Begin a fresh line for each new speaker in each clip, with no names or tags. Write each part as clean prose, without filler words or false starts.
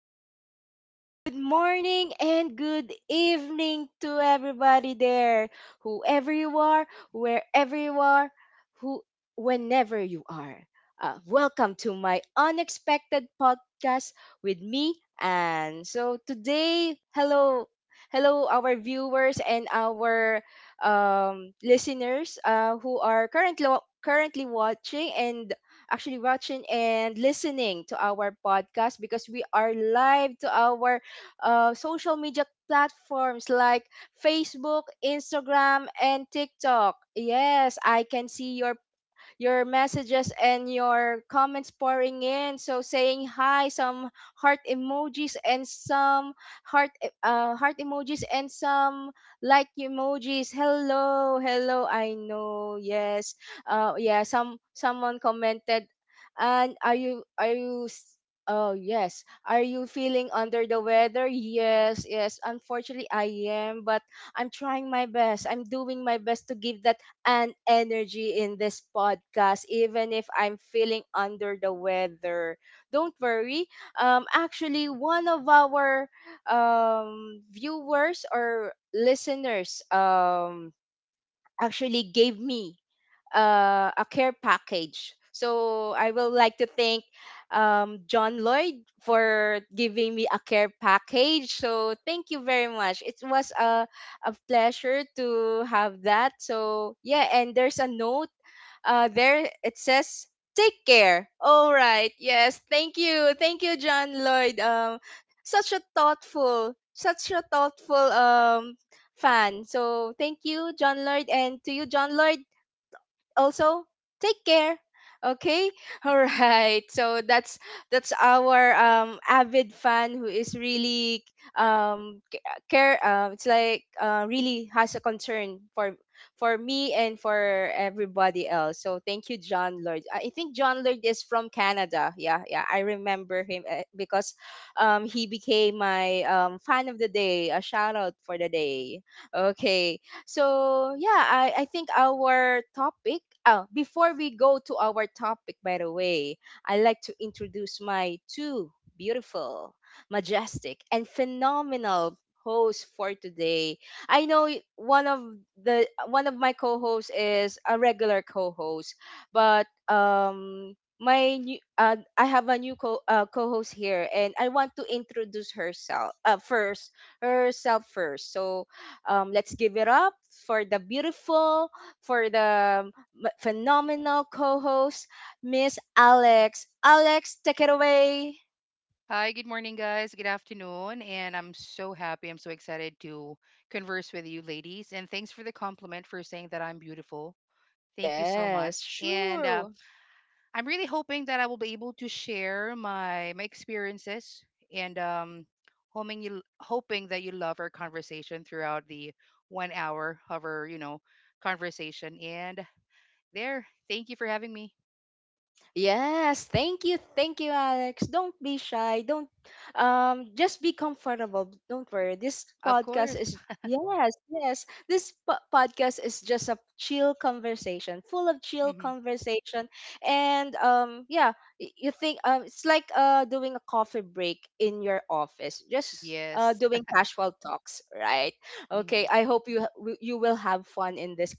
afternoon, good morning, and good evening to everybody there. Whoever you are, wherever you are, who whenever you are. Welcome to my unexpected podcast with me. And today, hello hello our viewers and our listeners who are currently watching and actually watching and listening to our podcast because we are live to our social media platforms like Facebook, Instagram, and TikTok. Yes, I can see your messages and your comments pouring in. So saying hi, some heart emojis and some heart emojis and some like emojis. Hello, hello. I know. Yes. Someone commented and Oh yes. Are you feeling under the weather? Yes, yes. Unfortunately, I am, but I'm trying my best. I'm doing my best to give that and energy in this podcast, even if I'm feeling under the weather. Don't worry. Actually, one of our viewers or listeners actually gave me a care package. So I will like to thank John Lloyd for giving me a care package. So thank you very much. It was a pleasure to have that. So yeah, and there's a note there. It says, "Take care." All right. Yes. Thank you. Thank you, John Lloyd. Such a thoughtful, such a thoughtful fan. So thank you, John Lloyd, and to you, John Lloyd, also take care. Okay. All right, so that's our avid fan who is really um c- care. It's like, really has a concern for me and for everybody else. So thank you, John Lord. I think John Lord is from Canada. Yeah, yeah, I remember him, because he became my fan of the day, a shout out for the day. Okay. So yeah, I think our topic. Oh, before we go to our topic, by the way, I like to introduce my two beautiful, majestic, and phenomenal hosts for today. I know one of my co-hosts is a regular co-host, but my new, I have a new co co-host here, and I want to introduce herself first herself first. So let's give it up for the beautiful, for the phenomenal co host, Miss Alex. Alex, take it away.
Hi, good morning, guys. Good afternoon. And I'm so happy. I'm so excited to converse with you, ladies. And thanks for the compliment for saying that I'm beautiful. Thank you so
Yes,
much. And
sure.
I'm really hoping that I will be able to share my experiences and hoping that you love our conversation throughout the 1 hour of our conversation. Thank you for having me.
Yes, thank you, Alex. Don't be shy. Don't Just be comfortable. Don't worry. This
Of
podcast
course.
is, yes, yes, this podcast is just a chill conversation, full of chill
hmm
conversation, and yeah, you think it's like doing a coffee break in your office, just
Yes.
doing casual talks, right?
hmm
Okay, I hope you you will have fun in this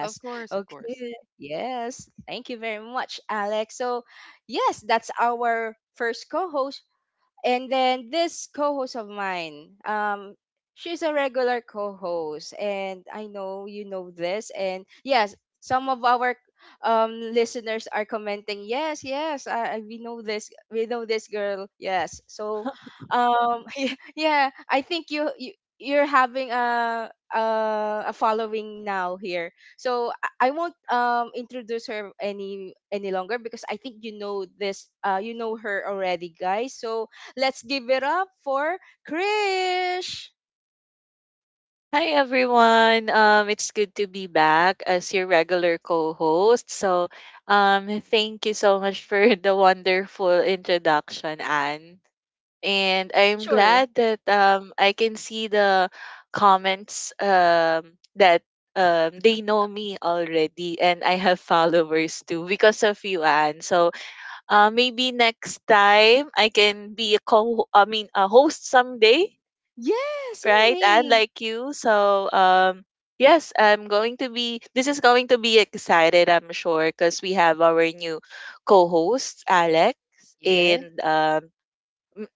Of course. Of course.
Okay. Yes, thank you very much, Alex. So, yes, that's our first co host, and then this co-host of mine, she's a regular co-host, and I know you know this. And yes, some of our listeners are commenting, yes, yes, I we know this girl, yes. So, yeah, yeah, I think you you you're having a following now here. So I won't introduce her any longer because I think you know her already, guys. So let's give it up for Krish.
Hi everyone. It's good to be back as your regular co-host. Thank you so much for the wonderful introduction, Anne. And
Sure,
I'm
sure.
glad that I can see the comments that they know me already and I have followers too because of you, Anne. Maybe next time I can be a co I mean a host someday,
Yes, you
right? And
may.
like you, so yes, I'm going to be, this is going to be excited, I'm sure, because we have our new co-host, Alex.
Yes.
Yeah.
And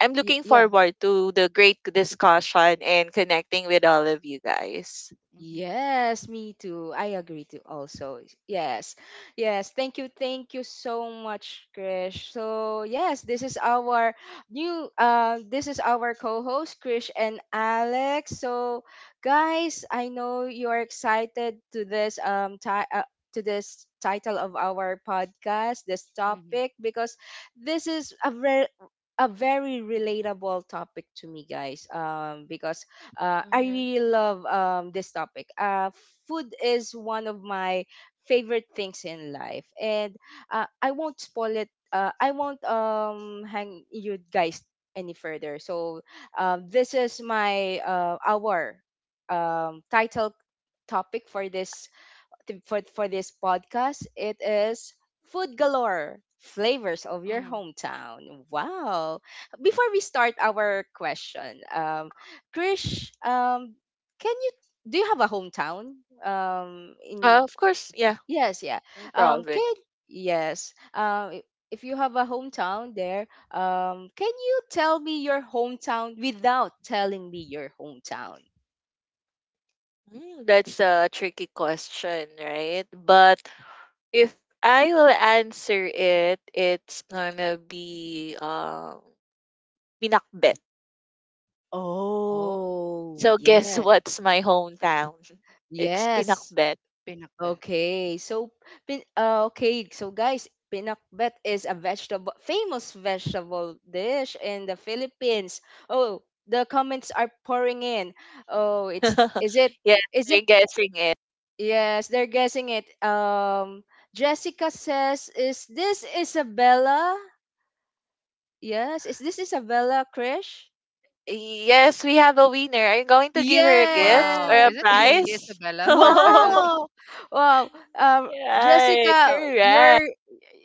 I'm looking
Yeah.
forward to the great discussion and connecting with all of you guys.
Mhm,
Yes, me too. I agree too also. Yes. Yes. Thank you. Thank you so much, Krish. So yes, this is our new this is our co-host, Krish and Alex. So guys, I know you're excited to this to this title of our podcast, this
mhm,
topic, because this is a very relatable topic to me, guys, because I
hmm
really love, this topic. Food is one of my favorite things in life, and I won't spoil it. I won't, hang you guys any further. So this is my our title topic for for this podcast. It is food galore, flavors of your
mhm.
hometown. Wow! Before we start our question, Krish, can you do you have a hometown? In
Of course, yeah,
yes, yeah.
in Provid.
Can yes. Um, if you have a hometown there, can you tell me your hometown without telling me your hometown?
Mm, that's a tricky question, right? But if I will answer it, it's gonna be Pinakbet.
Oh,
Oh,
So guess
yeah.
what's my hometown? It's
Yes.
Pinakbet.
Pinakbet.
Okay, so pin okay, so guys, pinakbet is a vegetable, famous vegetable dish in the Philippines. Oh, the comments are pouring in. Oh, it's is it,
Yes,
is it?
you're guessing it.
Yes, they're guessing it. Jessica says, "Is this Isabella?" Yes, is this Isabella, Krish?
Yes, we have a winner. Are you going to give her a gift or
Wow.
Yeah.
a
Is it is really
prize?
Isabella, their specialty?
Wow! Wow. Um,
Right,
Jessica,
correct.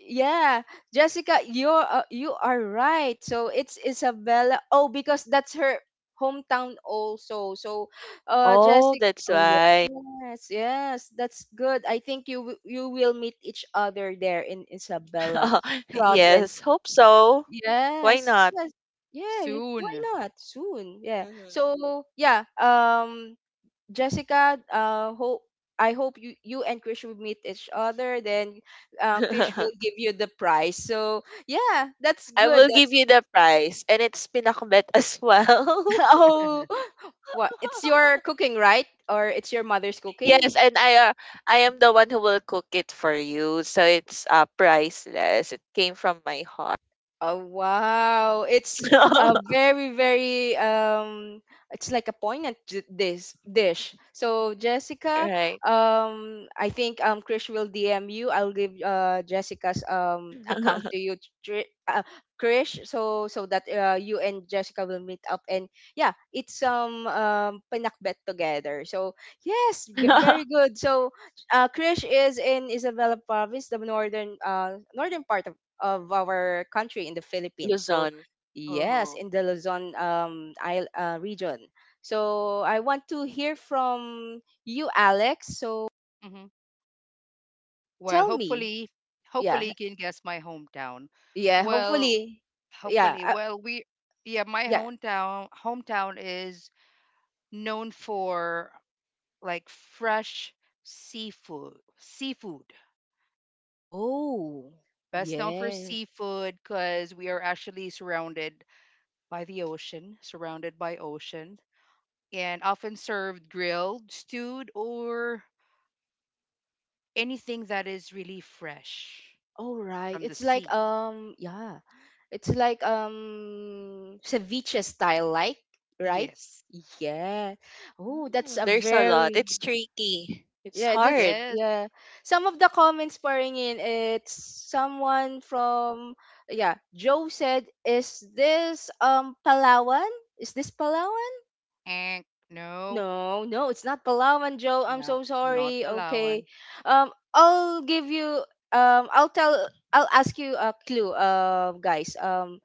yeah, Jessica, you're, you are right. So it's Isabella. Oh, because that's her hometown also. So,
Oh,
Jessica.
that's
Oh yeah.
why.
Yes, yes, that's good. I think you will meet each other there in Isabella province.
Yes, hope so. Why
Yes,
not?
yes, yeah. Why
Soon.
not soon? Yeah.
Mhm.
So yeah. Jessica, hope I hope you and Krish will meet each other. Then, Krish will give you the prize. So yeah, that's
I
good.
will give
That's
you the prize, and it's Pinakbet as well.
oh, what? It's your cooking, right? Or it's your mother's cooking?
Yes, and I am the one who will cook it for you. So it's priceless. It came from my heart.
Oh wow. It's a very very it's like a poignant this dish. So Jessica,
Right.
I think Krish will DM you. I'll give Jessica's account to Krish, so so that you and Jessica will meet up and yeah, it's pinakbet together. So yes, very good. So Krish is in Isabela province, the northern, northern part of our country in the Philippines. So
Luzon.
yes,
Uh-huh.
in the Luzon region. So I want to hear from you, Alex. So
Hmm Well,
tell me.
hopefully, hopefully
Yeah,
you can guess my hometown.
yeah.
Well,
Hopefully, yeah,
hopefully, well, we, yeah, My
yeah.
hometown is known for like fresh seafood.
Oh,
Best known for
yes.
seafood because we are actually surrounded by the ocean, surrounded by ocean. And often served grilled, stewed, or anything that is really fresh
All right.
from the
It's like
sea.
yeah. It's like ceviche style, like, right?
Yes.
Yeah. Oh, that's
Mm,
a
there's a lot.
very.
It's tricky. It's
Yeah, that's
hard.
Yes.
yeah. Some of the comments pouring in, it's someone from yeah, Joe said, "Is this Palawan? Is this Palawan?"
And no,
No, no, it's not Palawan, Joe. I'm
no,
so
not
sorry. Okay.
Palawan.
I'll give you, um I'll tell I'll ask you a clue, guys.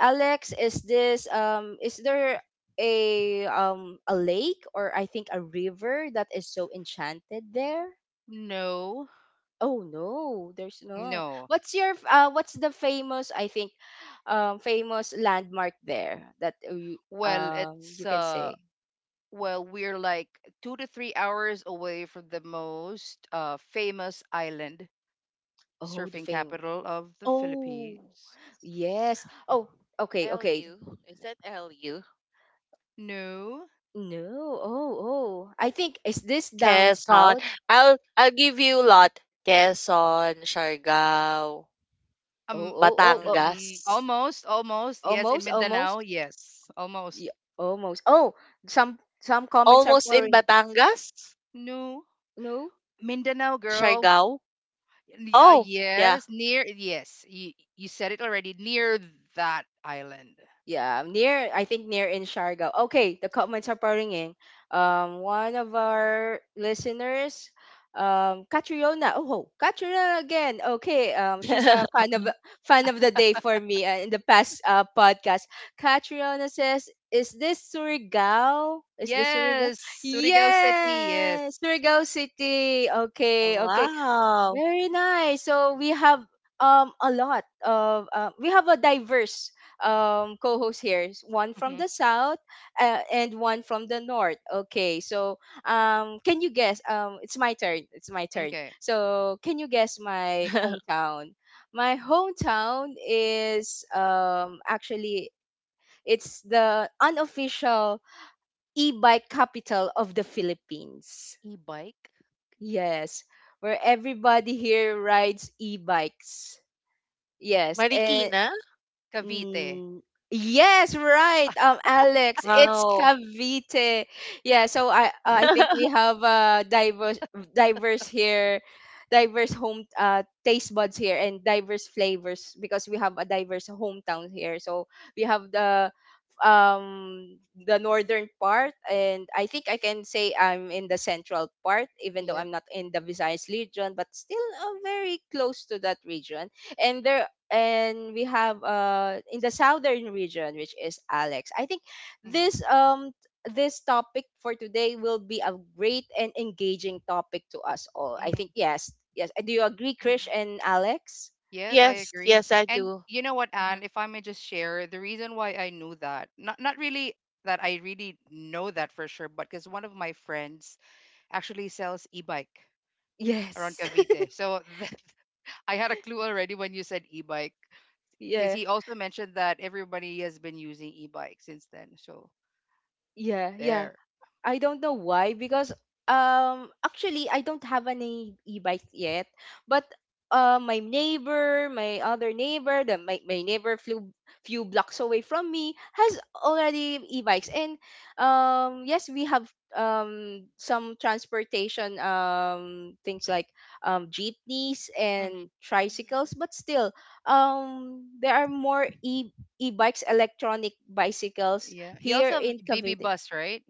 Alex, is this is there a lake, or I think a river, that is so enchanted there?
No,
Oh no, there's not.
no.
What's your what's the famous, I think, famous landmark there that you
Well,
you
it's
can
uh
say?
well, we're like 2 to 3 hours away from the most famous island
Oh, the
surfing
fame.
capital of the
Oh.
Philippines.
Yes. Oh, okay, okay.
LU. Is that LU?
No.
No. Oh, oh. I think is this down
Quezon.
south?
I'll give you a lot. Quezon, Siargao,
Oh,
Um,
oh, oh, oh.
Batangas.
almost, almost. Yes, in
Almost,
Mindanao.
almost.
Yes, almost.
Yeah, almost. Oh, some comments are
Almost in
pouring.
Batangas?
No,
No.
Mindanao, girl.
Siargao? Oh, yeah.
Yes, near. Yes, you said it already. Near that island.
Yeah, near, I think near in Siargao. Okay, the comments are pouring in. One of our listeners, Catriona. Oh, Catriona again. Okay, she's a fan of the day for me in the past podcast. Catriona says, "Is this Surigao? Is this Surigao?"
Yes, Surigao City. Yes.
Yes, Surigao City. Okay, okay.
Wow.
Very nice. So we have a lot of, we have a diverse co-host here. One from
hmm
the south, and one from the north. Okay. So can you guess, it's my turn. It's my turn.
Okay.
So can you guess my hometown? My hometown is actually it's the unofficial e-bike capital of the Philippines.
E-bike,
Yes, where everybody here rides e-bikes. Yes,
is it
eh,
Marikina?
Cavite.
mm, yes, right. Alex, it's
Wow.
Cavite. Yeah, so I think we have diverse here, diverse home taste buds here and diverse flavors because we have a diverse hometown here. So we have um the northern part, and I think I can say I'm in the central part, even though
Yes.
I'm not in the Visayas region, but still, very close to that region, and there and we have, in the southern region, which is Alex. I think
hmm
this um this topic for today will be a great and engaging topic to us all. I think, yes. Yes. Do you agree, Krish
Mhm.
and Alex?
Yes, I
Yes,
agree.
yes, I
And
do.
you know what,
Mm-hmm.
Anne, if I may just share, the reason why I knew that, not really that I really know that for sure, but because one of my friends actually sells e-bike around
Yes.
Cavite. So that, I had a clue already when you said e-bike, because
Yeah.
he also mentioned that everybody has been using e-bike since then. So
Yeah, yeah.
there.
I don't know why because actually I don't have any e-bike yet, but my neighbor, my other neighbor, my neighbor flew few blocks away from me has already e-bikes, and yes, we have some transportation things like jeepneys
Hmm
and tricycles,
Mhm.
but still there are more e e-bikes electronic bicycles
Yeah. You
here
also
in
have BB
Cavite.
bus, right?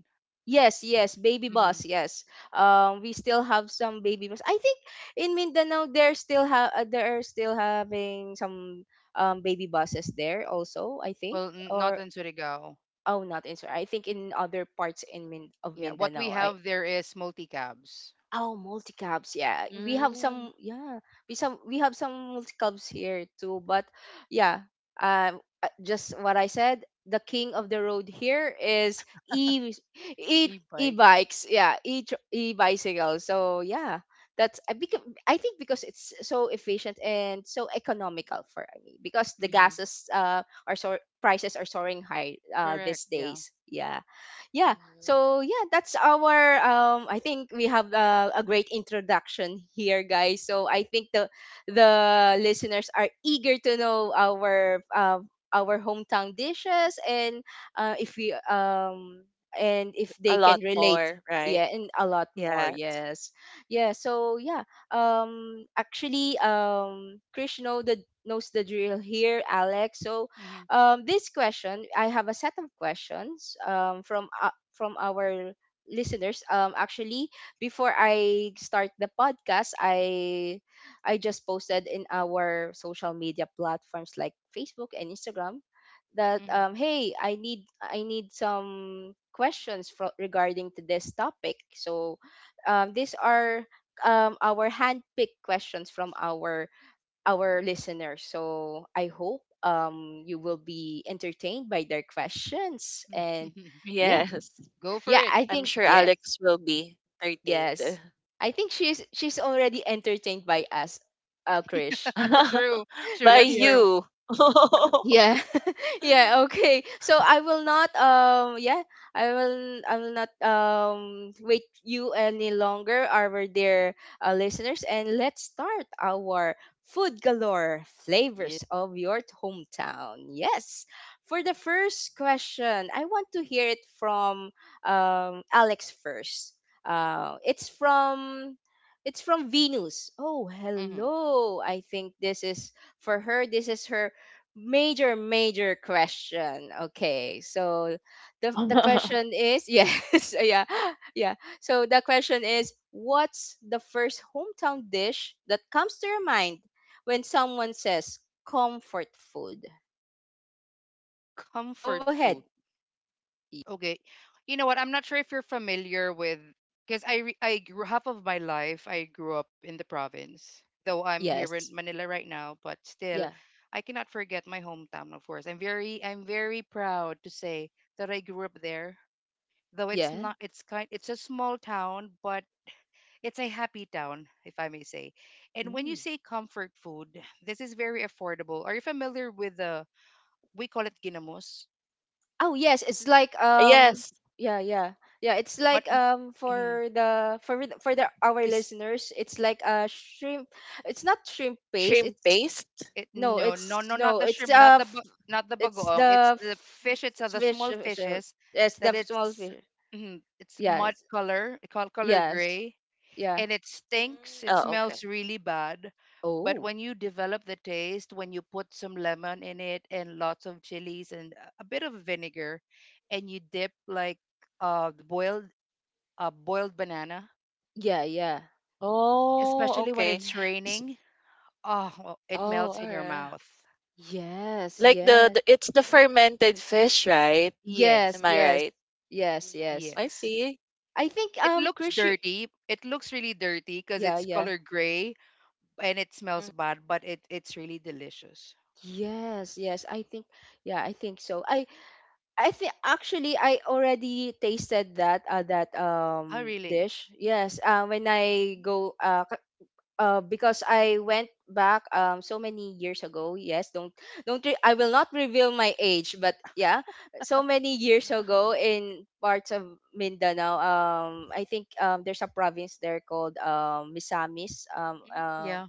Yes, yes, baby
hmm
bus, yes. We still have some baby bus. I think in Mindanao they're they're still having some baby buses there also. I think
Well, n not
or
in Surigao.
oh, not in I think in other parts of
Yeah. What we
Mindanao. I.
have there is multi-cabs.
Oh, multi cabs. Yeah, we
Yeah.
have
Mm.
some. Yeah, we have some multi cabs here too. But yeah, just what I said. The king of the road here is e e e
E-bike.
bikes. Yeah, e e bicycles. So yeah, that's — I, because I think, because it's so efficient and so economical for me, because the
Mm-hmm.
gases, are so — prices are soaring high,
Correct.
these
Yeah.
days. Yeah, yeah,
Mhm.
so yeah, that's our, I think we have, a great introduction here, guys, so I think the listeners are eager to know our, our hometown dishes and, if we, and if they
A
can
lot
relate.
more, right?
Yeah, and a lot more,
Yes.
yes. Yeah, so yeah, actually, Krish knows the drill here, Alex, so,
Mm-hmm.
this question — I have a set of questions, from, from our listeners. Actually, before I start the podcast, I just posted in our social media platforms like Facebook and Instagram that, hey, I need some questions for, regarding to this topic. So, these are, our handpicked questions from our listeners. So I hope, you will be entertained by their questions and
Mm-hmm.
yeah.
Yes.
Go for
Yeah,
it.
I
I'm
think
sure
yes.
Alex will be entertained
Yes. I think she's already entertained by us, Krish.
True. Sure.
by
That's true.
you.
Yeah. Yeah, okay. So I will not, yeah, I will not, wait you any longer, our dear, listeners, and let's start our food galore
Yeah.
flavors of your hometown. Yes. For the first question, I want to hear it from, Alex first. Uh it's from it's from Venus. Oh,
Mm-hmm.
hello. I think this is for her. This is her major major question. Okay, so the question is, yes, yeah, yeah, so the question is: what's the first hometown dish that comes to your mind when someone says comfort food? Go
Comfort
ahead.
food.
Y-
Okay. You know what? I'm not sure if you're familiar with because I grew half of my life I grew up in the province. Though I'm here
yes,
in Manila right now, but still
yeah,
I cannot forget my hometown, of course. I'm very proud to say that I grew up there. Though it's
yeah,
not it's a small town, but it's a happy town, if I may say. And when you
mm.
say comfort food, this is very affordable. Are you familiar with the we call it ginamos,
Oh yes, it's like,
Yes,
yeah, yeah, yeah, it's
but
like,
n- mhm,
for the our
it's
listeners, it's like a shrimp. It's not shrimp paste,
shrimp
it's —
paste.
it
No,
no no
it's
no, not the shrimp, not the
it's
bagoong. It's
the
the fish. It's the
fish,
small
shell.
fishes
It's the
that
small
it's
fish.
mhm, it's mud
Yes,
color, color
yes,
gray,
yeah.
and it stinks. It
Oh, okay.
smells really bad. But
Oh,
when you develop the taste, when you put some lemon in it and lots of chilies and a bit of vinegar, and you dip like the boiled boiled banana,
yeah, yeah.
Oh,
especially when
okay.
it's
Ye-
S-
raining, oh, well, it
Oh,
melts in your
alright.
mouth.
Yes,
Like
yeah,
the it's the fermented fish, right?
Yes,
yes,
Am I
yes,
right?
yes,
Mm.
yes.
I
yes.
see.
I think,
It looks
Chris,
dirty. It looks really dirty because
yeah,
it's
yeah,
color gray and it smells
Mm.
bad, but it's really delicious.
yes, yes. I think, yeah, I think so. I think actually, I already tasted that,
Oh, really?
dish. Yes, when I go, because I went back, so many years ago. Yes, don't re- I will not reveal my age, but yeah, so many years ago in parts of Mindanao. I think, there's a province there called, Misamis.
Mm, yeah.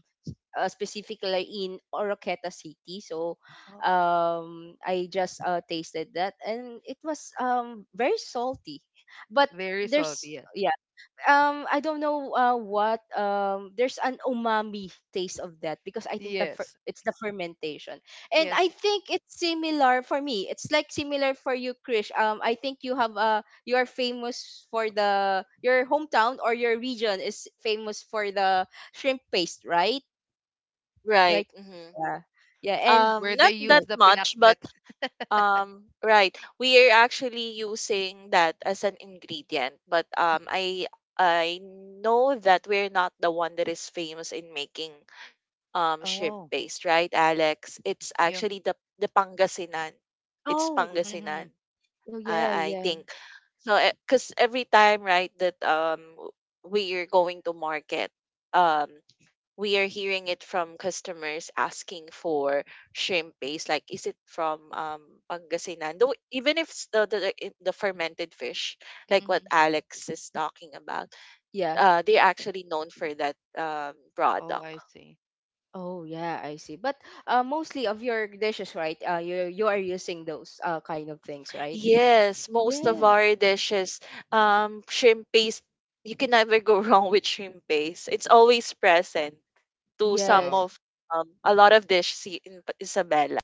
Specifically in Oroqueta City. So,
Oh,
I just, tasted that, and it was, very salty, but
very salty.
there's —
Yeah.
yeah, I don't know, what, there's an umami taste of that because I think the
Yes.
it's the fermentation. And I
Yes.
think it's similar for me. It's like similar for you, Krish. I think you have, you are famous for the — your hometown, or your region, is famous for the shrimp paste, right? Right?
Right.
Yeah. Yeah, and
Where they
Not
use
yeah.
that
the
much, but
pinakbet.
right. We are actually using that as an ingredient, but I know that we're not the one that is famous in making shrimp
Oh,
paste, right, Alex? It's
yeah.
actually the Pangasinan. It's
Oh,
Mm-hmm.
Pangasinan.
oh yeah,
I
yeah.
think. So, because every time, right, that we are going to market, um, we are hearing it from customers asking for shrimp paste. Like, is it from Pangasinan? Though, even if it's the fermented fish, like what
Mm-hmm.
Alex is talking about,
Yeah.
they're actually known for that
Oh,
product.
I see.
Oh yeah, I see. But, mostly of your dishes, right? You are using those, kind of things, right?
Yes, most of
Yeah.
our dishes, shrimp paste, you can never go wrong with shrimp paste. It's always present to some
Wow.
Yes.
of a lot of dish see in Isabela.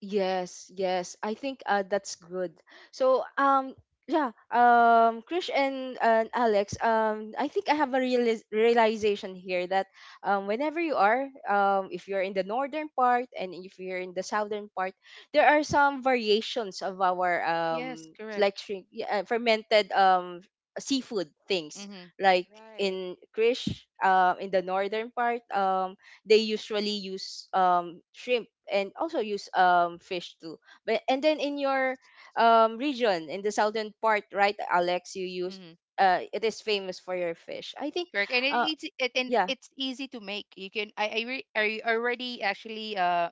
Yes, yes. I think, that's good. So, yeah, Krish and Alex, I think I have a realization here that, whenever you are — if you're in the northern part and if you're in the southern part, there are some variations of our,
Yes, correct.
like, shrimp, yeah, fermented, seafood things.
Mm-hmm.
Like
Right.
in Krish, in the northern part, they usually use, shrimp, and also use, fish too, but — and then in your, region in the southern part, right, Alex, you use,
Mm-hmm.
it is famous for your fish, I think.
Correct. And it
uh
easy it, and
yeah.
it's easy to make. You can I, re, I already actually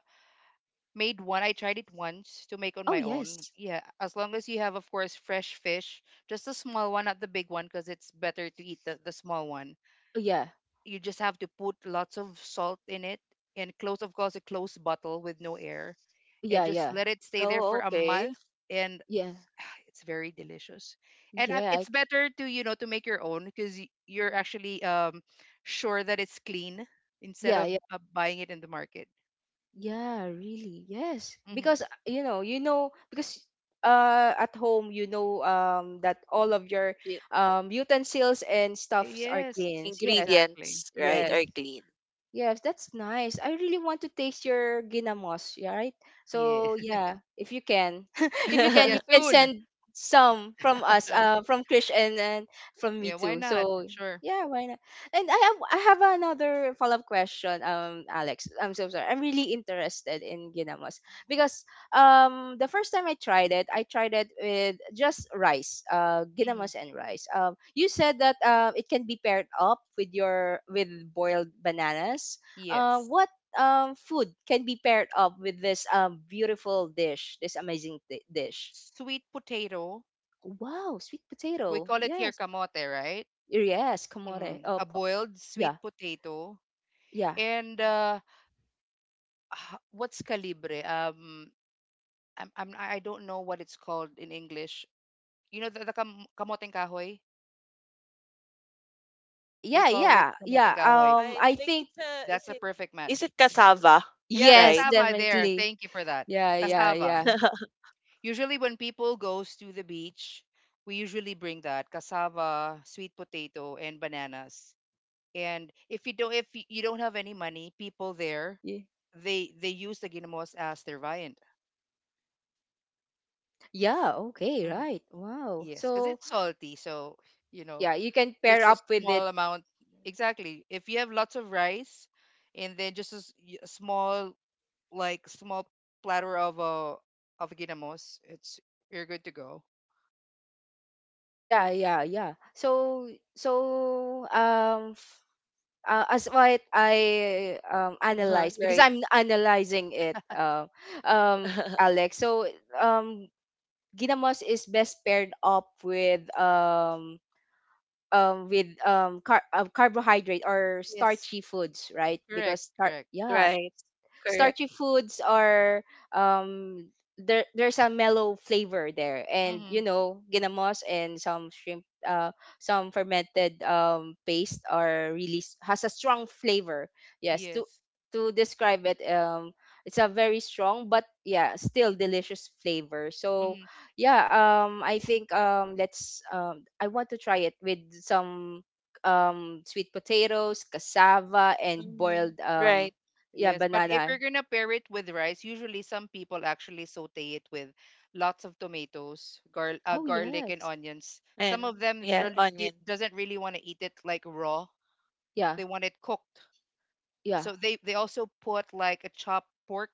made one. I tried it once to make on
Oh
my own.
yes.
Yeah, as long as you have of course fresh fish, just a small one, not the big one because it's better to eat the small one.
Oh yeah.
You just have to put lots of salt in it and close of course a closed bottle with no air and
Yeah,
just
yeah,
let it stay there
Oh,
for a
okay.
month and
yeah,
it's very delicious and
yeah.
it's better to you know to make your own because you're actually sure that it's clean instead
Yeah,
of
yeah,
buying it in the market.
yeah. Really, yes,
Hmm
because, because, at home, that all of your,
Y-
utensils and stuffs are
Yes,
clean, yes,
exactly.
Ingredients, right,
hmm
yes.
are clean.
Yes, that's nice. I really want to taste your ginamos, yeah, right?
Yeah.
So yeah, if you can, if you
Yeah,
can, you can
soon.
send some from us, from Krish and from
Yeah,
me
why
too.
not,
So
sure.
yeah, why not? And I have another follow up question, Alex. I'm so sorry. I'm really interested in ginamos, because, the first time I tried it with just rice,
hmm
ginamas and rice. You said that, it can be paired up with your — with boiled bananas.
Yes.
What, food can be paired up with this, beautiful dish, this amazing, dish?
Sweet potato.
Wow, sweet
We
potato.
call it here
Yes,
kamote, right.
yes, kamore.
hmm A
Opo.
boiled
Yeah,
sweet potato.
yeah,
and uh what's calibre? I don't know what it's called in English. You know the, kamoteng kahoy?
yeah,
We
yeah,
call it
yeah,
kamoteng
yeah.
kahoy.
I
I
think
think,
it's a, is
That's a
it,
perfect
is
match.
it cassava,
Yeah,
yes,
right?
cassava there.
definitely.
Thank you for that.
Yeah,
Mhm.
Cassava.
yeah,
Usually when people goes to the beach, we usually bring that cassava, sweet potato, and bananas. And if you don't if y- you don't have any money, people there,
yeah.
they use the ginamos as their viand.
Yeah, okay,
Hmm
right. Wow.
Yes, because
So,
it's salty, so you know
yeah, you can pair
just a
up with it.
small amount. Exactly. If you have lots of rice and then just a small, like small platter of ginamos, it's you're good to go.
Yeah, yeah, yeah. So, so um f- as what I,
Uh-huh,
analyze, because
right.
I'm analyzing it, Alex. So, um ginamos is best paired up with, carbohydrate or
Yes.
starchy foods, right?
Correct,
Because,
correct.
yeah,
Right. Correct.
starchy foods are, um there's a mellow flavor there, and
Mhm.
ginamos and some shrimp, some fermented, paste are really, has a strong flavor, yes,
Yes.
to describe it, it's a very strong but yeah still delicious flavor, so
Mhm.
yeah, I think, let's, I want to try it with some, sweet potatoes, cassava, and
Mhm,
boiled,
right.
yeah,
Yes, but if
banana.
you're gonna pair it with rice, usually some people actually saute it with lots of tomatoes,
Oh
garlic and
yes.
onions. Some
And
of them
yeah,
really
onion.
di- doesn't really want to eat it like raw.
Yeah.
They want it cooked.
Yeah.
So they also put like a chopped pork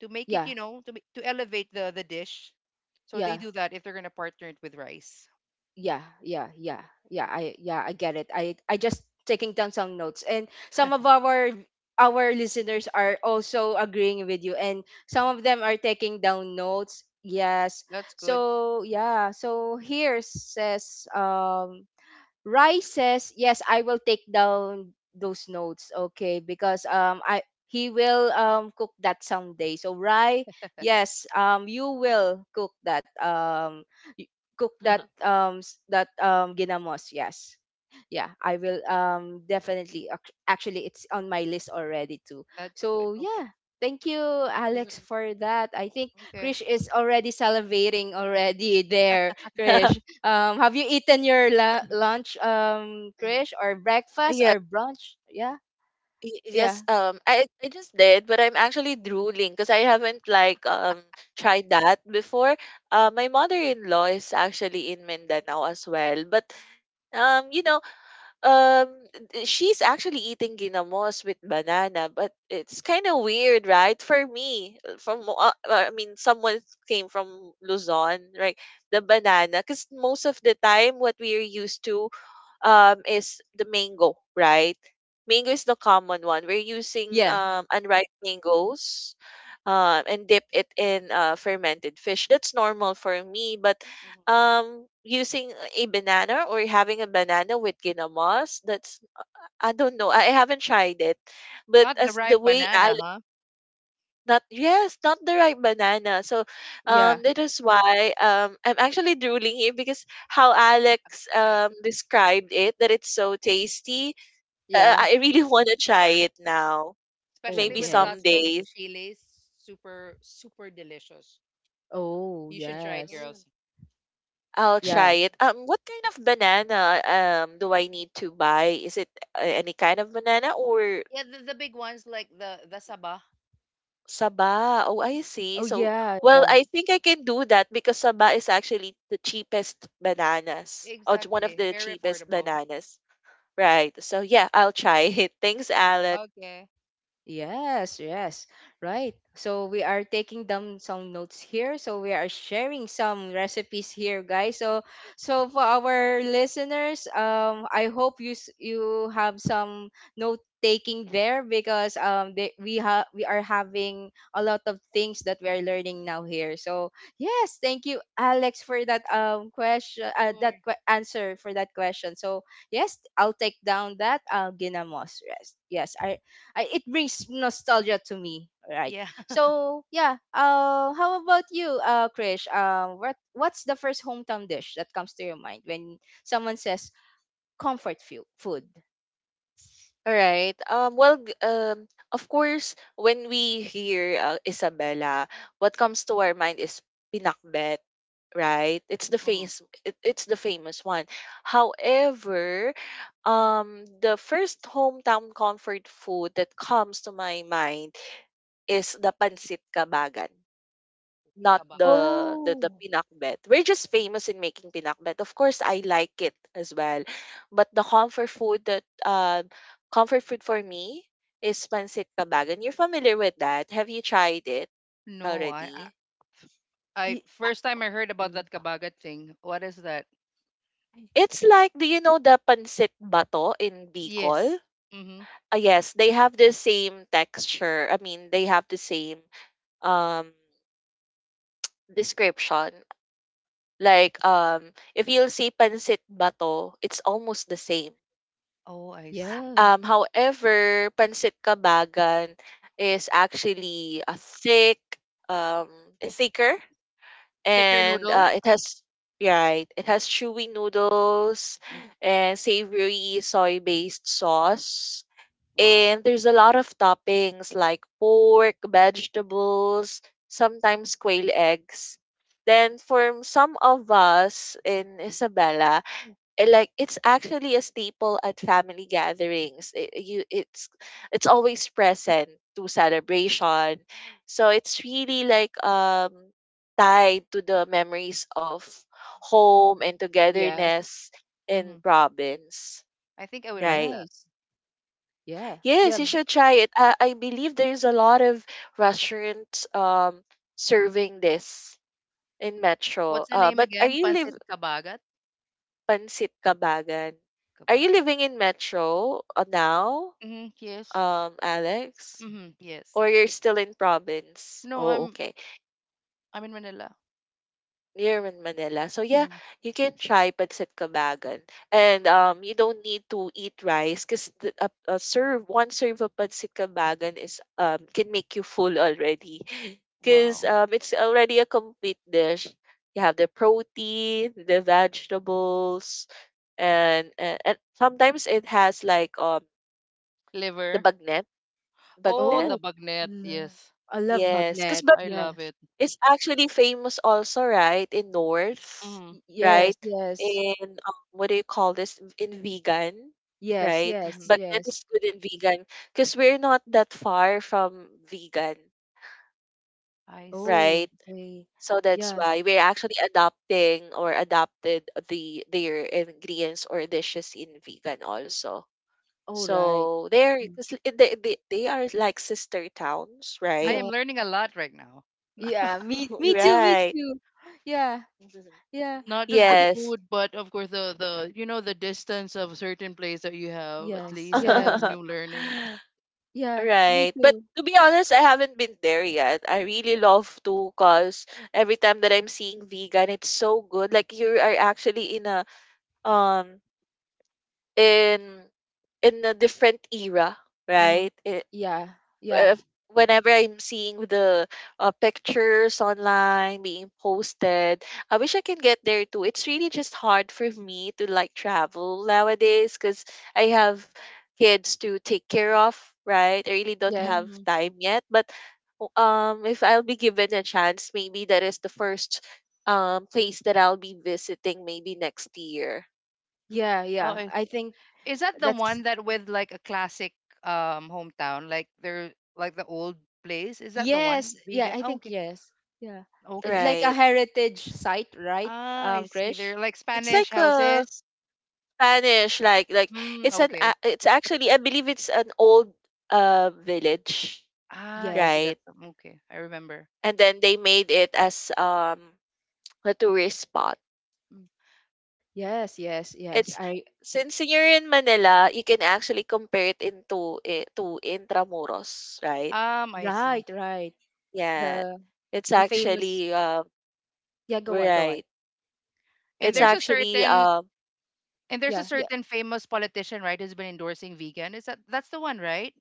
to make it,
Yeah.
you know, to elevate the dish. So they
Yeah.
do that if they're gonna partner it with rice.
Yeah. Yeah. Yeah. Yeah. I Yeah, I get it. I just taking down some notes, and some of our listeners are also agreeing with you, and some of them are taking down notes. Yes.
That's good.
So yeah. So here says, Rai says, yes, I will take down those notes, okay, because, I he will, cook that someday. So Rai, yes, you will cook that, y- ginamos, yes. Yeah, I will, definitely, actually, it's on my list already too.
That's good.
So
Okay.
yeah, thank you, Alex,
Mhm.
for that. I think
Okay.
Krish is already salivating already there, Krish. Have you eaten your, lunch,
Mm.
Krish, or breakfast
Yeah,
or brunch, yeah? Yeah,
Yes, I just did, but I'm actually drooling because I haven't like tried that before. My mother-in-law is actually in Mindanao as well, but you know, um, she's actually eating ginamos with banana, but it's kind of weird, right? For me, I mean, someone came from Luzon, right? The banana, because most of the time, what we are used to, is the mango, right? Mango is the common one. We're using
yeah,
hmm
unripe mangoes and dip it in fermented fish. That's normal for me, but
hmm
using a banana or having a banana with ginamas, that's I don't know. I haven't tried it, but
Not the
as the
ripe
way,
banana, huh?
not, yes, not the right banana. So,
yeah,
that is why I'm actually drooling here because how Alex described it that it's so tasty.
yeah,
I really want to
Super.
try it now.
Oh
Especially
Maybe
with lots
yes.
of
someday.
chilies. Super super delicious.
Oh
You should try it,
yes.
Mm,
girls.
I'll
Yeah.
try it. What kind of banana do I need to buy? Is it any kind of banana or
Yeah, the big ones like the sabah.
Saba. Oh, I see.
Oh
So,
yeah.
well, I think I can do that because Saba is actually the cheapest bananas, or one of
Exactly.
the
Very
cheapest
affordable.
bananas, right? So, yeah, I'll try it. Thanks,
Hmm
Alec.
Okay.
Yes, yes, right. So we are taking down some notes here. So we are sharing some recipes here, guys. So, for our listeners, I hope you, you have some note taking there, because, they, we have we are having a lot of things that we are learning now here. So yes, thank you, Alex, for that,
Sure.
answer for that question. So yes, I'll take down that, ginamos. Yes, yes, it brings nostalgia to me, right?
Yeah.
So yeah, how about you, Krish? What's the first hometown dish that comes to your mind when someone says comfort, food?
All right. Of course, when we hear Isabella, what comes to our mind is pinakbet, right? It's the famous. It's the famous one. However, the first hometown comfort food that comes to my mind is the pancit kabagan, not
Mm-hmm.
the
Oh,
pinakbet. We're just famous in making pinakbet. Of course, I like it as well, but the comfort food that comfort food for me is pancit kabagan. You're familiar with that? Have you tried it
No,
already?
f- I-
y- uh,
first time I heard about that
Mm.
kabagat thing. What is that?
It's like, do you know the pancit bato in Bicol?
Yes. Mm-hmm.
Ah yes, they have the same texture. I mean, they have the same um description. Like, if you'll see pansit bato, it's almost the same.
Oh, I see.
yeah.
However, pansit kabagan is actually um, thicker,
Thicker
and
noodle.
it has, yeah, right, it has chewy noodles
Mhm.
and savory soy-based sauce,
Wow.
and there's a lot of toppings like pork, vegetables, sometimes quail eggs. Then for some of us in Isabela, eh, like it's actually a staple at family gatherings. I- you It's always present to celebration, so it's really like tied to the memories of home and
Yes.
togetherness
Mm-hmm.
in province,
I think I would like
right?
that.
Nice. Yeah, yeah.
Yes, you should try it. I believe there's a lot of restaurants serving this in metro,
What's the name
but are
again?
you live
Pancit kabagat.
Pansit Kabagan. Are you
Kabag.
living in Metro now,
Mm-hmm. Yes.
Alex?
Mm-hmm. Yes.
Or you're still in province?
No,
Oh, okay.
I'm in Manila.
You're in Manila. So yeah,
Mm.
you can try Pansit Kabagan. And you don't need to eat rice because a serve, one serve of Pansit Kabagan is can make you full already. Because
Wow.
it's already a complete dish. You have the protein, the vegetables, and sometimes it has like the
Liver.
bagnet
Oh,
Oh,
bagnet,
the bagnet.
l-
Yes,
I love
yes, because
magnet,
but
I
yeah.
love it.
it's actually famous also, right, in north,
Mm-hmm. Yes.
Yes,
right?
yes,
in What do you call this in vegan,
yes,
right?
yes,
Mm-hmm.
Bagnet
yes.
is good in vegan because we're not that far from vegan,
I see.
Oh,
right?
they.
So that's
Yeah.
why we're actually adopting, or adopted, the their ingredients or dishes in vegan also.
All
So
right.
they're because they are like sister towns,
I
right?
am
Yeah.
learning a lot right now.
Yeah, me me
You're
too, me
right.
too. Yeah,
Mhm.
yeah.
Not just
I-
the
Yes.
food, but of course the you know the distance of certain place that you have. At
yes,
least I have
yes.
new learning.
Yeah, me
Right. But
too.
to be honest, I haven't been there yet. I really love to, cause every time that I'm seeing vegan, it's so good. Like you are actually in a um in in a different era,
Mm-hmm.
right? I-
Yeah, yeah,
if, Whenever I'm seeing the pictures online being posted, I wish I can get there too. It's really just hard for me to like travel nowadays because I have kids to take care of, right? I really don't
yeah,
have
Mm-hmm.
time yet, but if I'll be given a chance, maybe that is the first place that I'll be visiting maybe next year.
yeah,
Oh,
yeah.
I-
I think
is that the
that's —
one that with like a classic hometown, like there, like the old place? Is that the
yes.
one
Yeah,
vegan?
I
Oh,
think
okay,
yes. Yeah. It's
okay.
like a
Right.
heritage site, right?
Ah, I see.
Krish?
They're like
It's
Spanish
like a
houses.
Spanish, like
Mm,
it's an
okay.
it's actually, I believe it's an old village,
Ah, I see.
Yes.
right?
That's okay. I remember.
And then they made it as a tourist spot.
Mm.
Yes, yes, yes.
It's,
I
since you're in Manila, you can actually compare it into it to Intramuros, right?
I see.
Right, right.
Yeah,
The
it's
the famous —
actually
yeah, go on, go on.
right.
And
It's
there's
Yeah.
a
actually
certain
um.
and there's a
Mm.
Yeah.
certain famous politician, right, who's been endorsing vegan. Is that that's the one, right?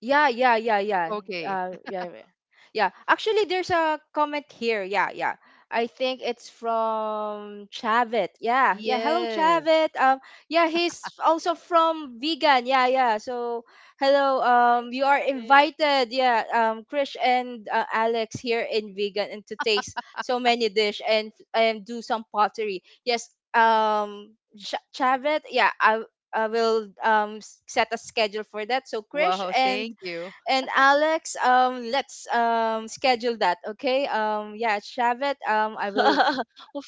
Yeah, yeah, yeah, yeah.
Okay.
Yeah, yeah. Yeah. Actually, there's a comment here. Yeah, yeah. I think it's from Chavit. Yeah, yeah. Hello,
Yes.
Chavit. Yeah, he's also from Vegan. Yeah, yeah. So, hello.
Hi,
You are
Travis.
invited. Yeah. Krish and, Alex, here in Vegan, and to taste so many dish and do some pottery. Yes. Chavit. Yeah. I, will, set a schedule for that. So Krish
Wow,
and
thank you.
and Alex, let's, schedule that. Okay. Yeah, Shavit. I will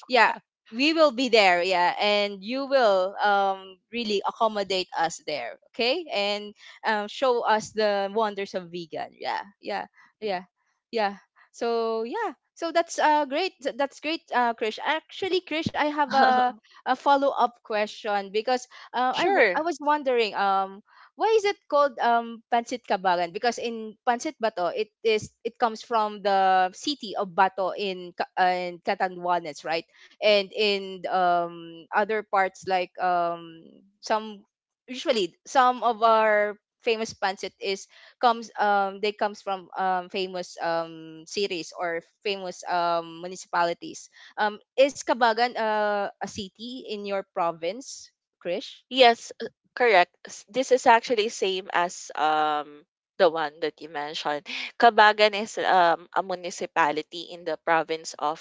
yeah, we will be there, yeah, and you will, really accommodate us there, okay, and, show us the wonders of Vegan, yeah, yeah,
Mm.
yeah, yeah. So yeah, so that's great, Krish. Actually, Krish, I have a follow-up question, because, I
Sure.
was wondering, why is it called, pancit kabagan? Because in pancit bato, it comes from the city of Bato in, in Catanduanes, right? And in, other parts, like, some — usually, some of our famous pancit is comes they comes from, famous, cities or famous, municipalities. Is Kabagan, a city in your province, Krish?
Yes, correct. This is actually same as the one that you mentioned. Kabagan is a municipality in the province of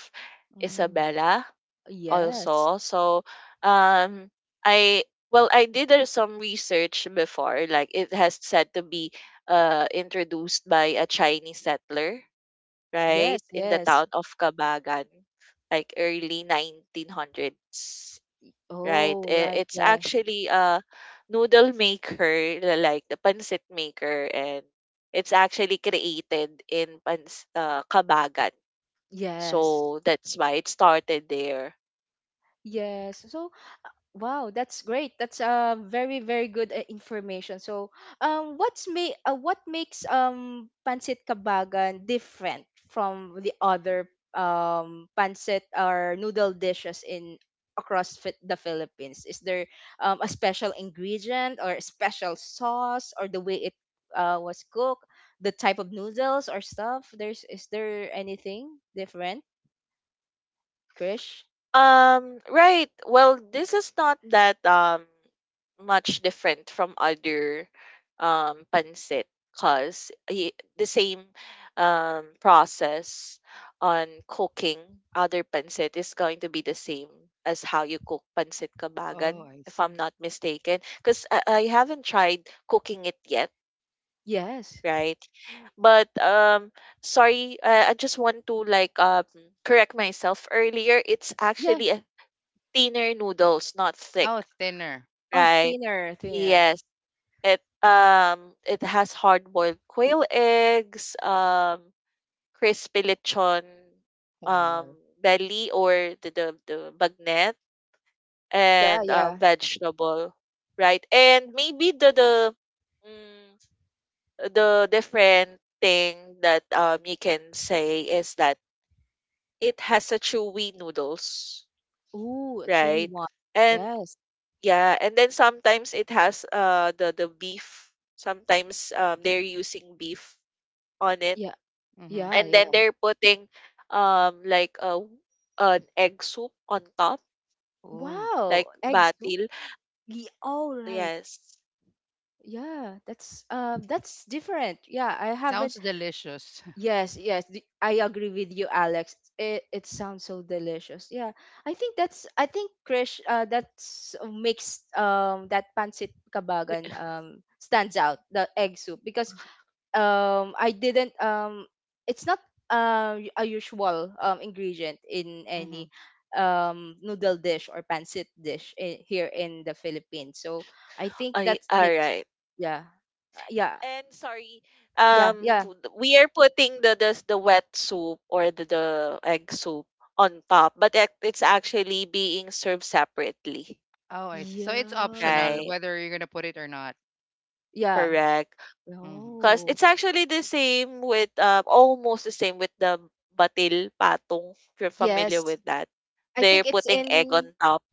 Mm.
Isabela
Yes.
also. So um I well, I did some research before, like it has said to be introduced by a Chinese settler,
Oh yes,
right? In the
yes.
town of Kabagan like early 1900s, right?
Oh,
I-
right.
It's
Yeah.
actually a noodle maker, like the pancit maker, and it's actually created in Pans Kabagan.
Yes,
So that's why it started there.
yes, so — wow, that's great. That's, very very good, information. So, what's what makes pancit kabagan different from the other pancit or noodle dishes in across the Philippines? Is there a special ingredient or a special sauce or the way it was cooked, the type of noodles or stuff? There's is there anything different, Krish?
Right. Well, this is not that much different from other pancit, because the same process on cooking other pancit is going to be the same as how you cook pancit
Oh,
kabagan,
I
if I'm
see.
not mistaken. Because I haven't tried cooking it yet,
Yes.
right? But sorry, I just want to like correct myself earlier. It's
Yeah.
actually a thinner noodles, not thick,
Oh, thinner.
Oh,
right?
thinner, thinner.
Yes. It it has hard boiled quail eggs, crispy lechon um
Wow.
belly or the bagnet
Yeah,
and
yeah.
vegetable, right? And maybe mm, the different thing that you can say is that it has a chewy noodles,
Ooh, a chewy
right?
one.
And
Yes.
yeah, and then sometimes it has the beef. Sometimes they're using beef on it,
Yeah,
Mm-hmm.
yeah,
and then
yeah.
they're putting like a an egg soup on top,
Ooh,
Wow,
like
egg soup.
batil.
Yeah, all right.
Yes.
Yeah, that's different. Yeah, I haven't.
sounds delicious.
Yes, yes. I agree with you, Alex. It sounds so delicious. Yeah, I think Krish. That's makes that pancit kabagan stands out the egg soup because I didn't it's not y- a usual ingredient in
Mm-hmm.
any noodle dish or pancit dish here in the Philippines. So I think
I
that
all
makes
right.
yeah. Yeah.
And sorry,
Yeah, yeah.
we are putting the wet soup or the egg soup on top, but it, it's actually being served separately.
Oh, I see. So it's
Yeah.
optional
Right.
whether you're gonna put it or not.
Yeah.
Correct.
Mm-hmm.
'Cause
Oh.
it's actually the same with, almost the same with the batil patong, if you're familiar
Yes.
with that.
I
They're
think it's
putting egg
in
on top.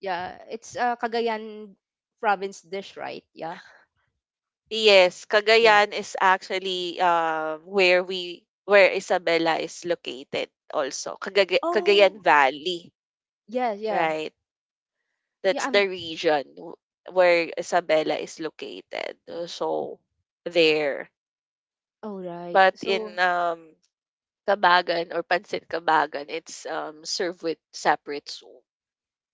yeah, it's Cagayan province dish, right? Yeah.
Yes,
Yeah.
Cagayan is actually, where we where Isabela is located also. Cagaga Cagayan
Oh.
Valley,
Yeah, yeah.
right?
Yeah,
That's
I'm
the region where Isabela is located. So
Wow.
there.
all right.
But in
So
Kabagan or Pansit Kabagan, it's served with separate soup.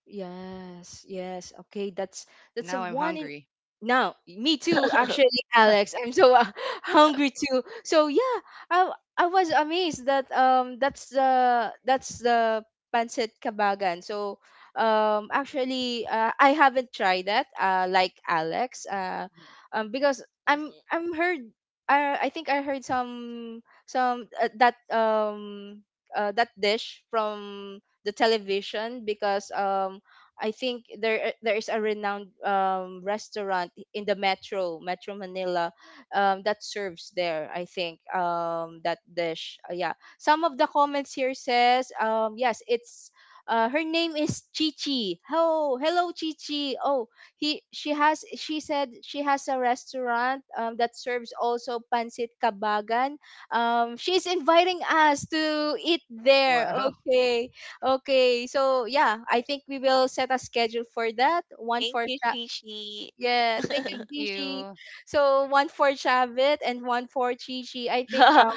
yes, yes. Okay, that's a
Now I'm
one in
hungry.
now. Me too, actually, Alex. I'm so hungry too. So yeah, I I was amazed that that's the pancit kabagan. So actually I haven't tried that like Alex
Mhm.
because
Mhm.
I'm heard I think I heard some that dish from the television because I think there is a renowned restaurant in the metro Metro Manila, that serves there. I think that dish. Yeah, some of the comments here says yes, it's her name is Chichi. Oh, hello Chichi. Oh, he she has she said she has a restaurant that serves also pancit kabagan. She's inviting us to eat there.
Wow.
Okay. Okay, so yeah, I think we will set a schedule for that. One
Thank
for
you, Shishi.
Yeah, thank you,
Thank
Chichi.
you.
So one for Chavit and one for Chichi. I think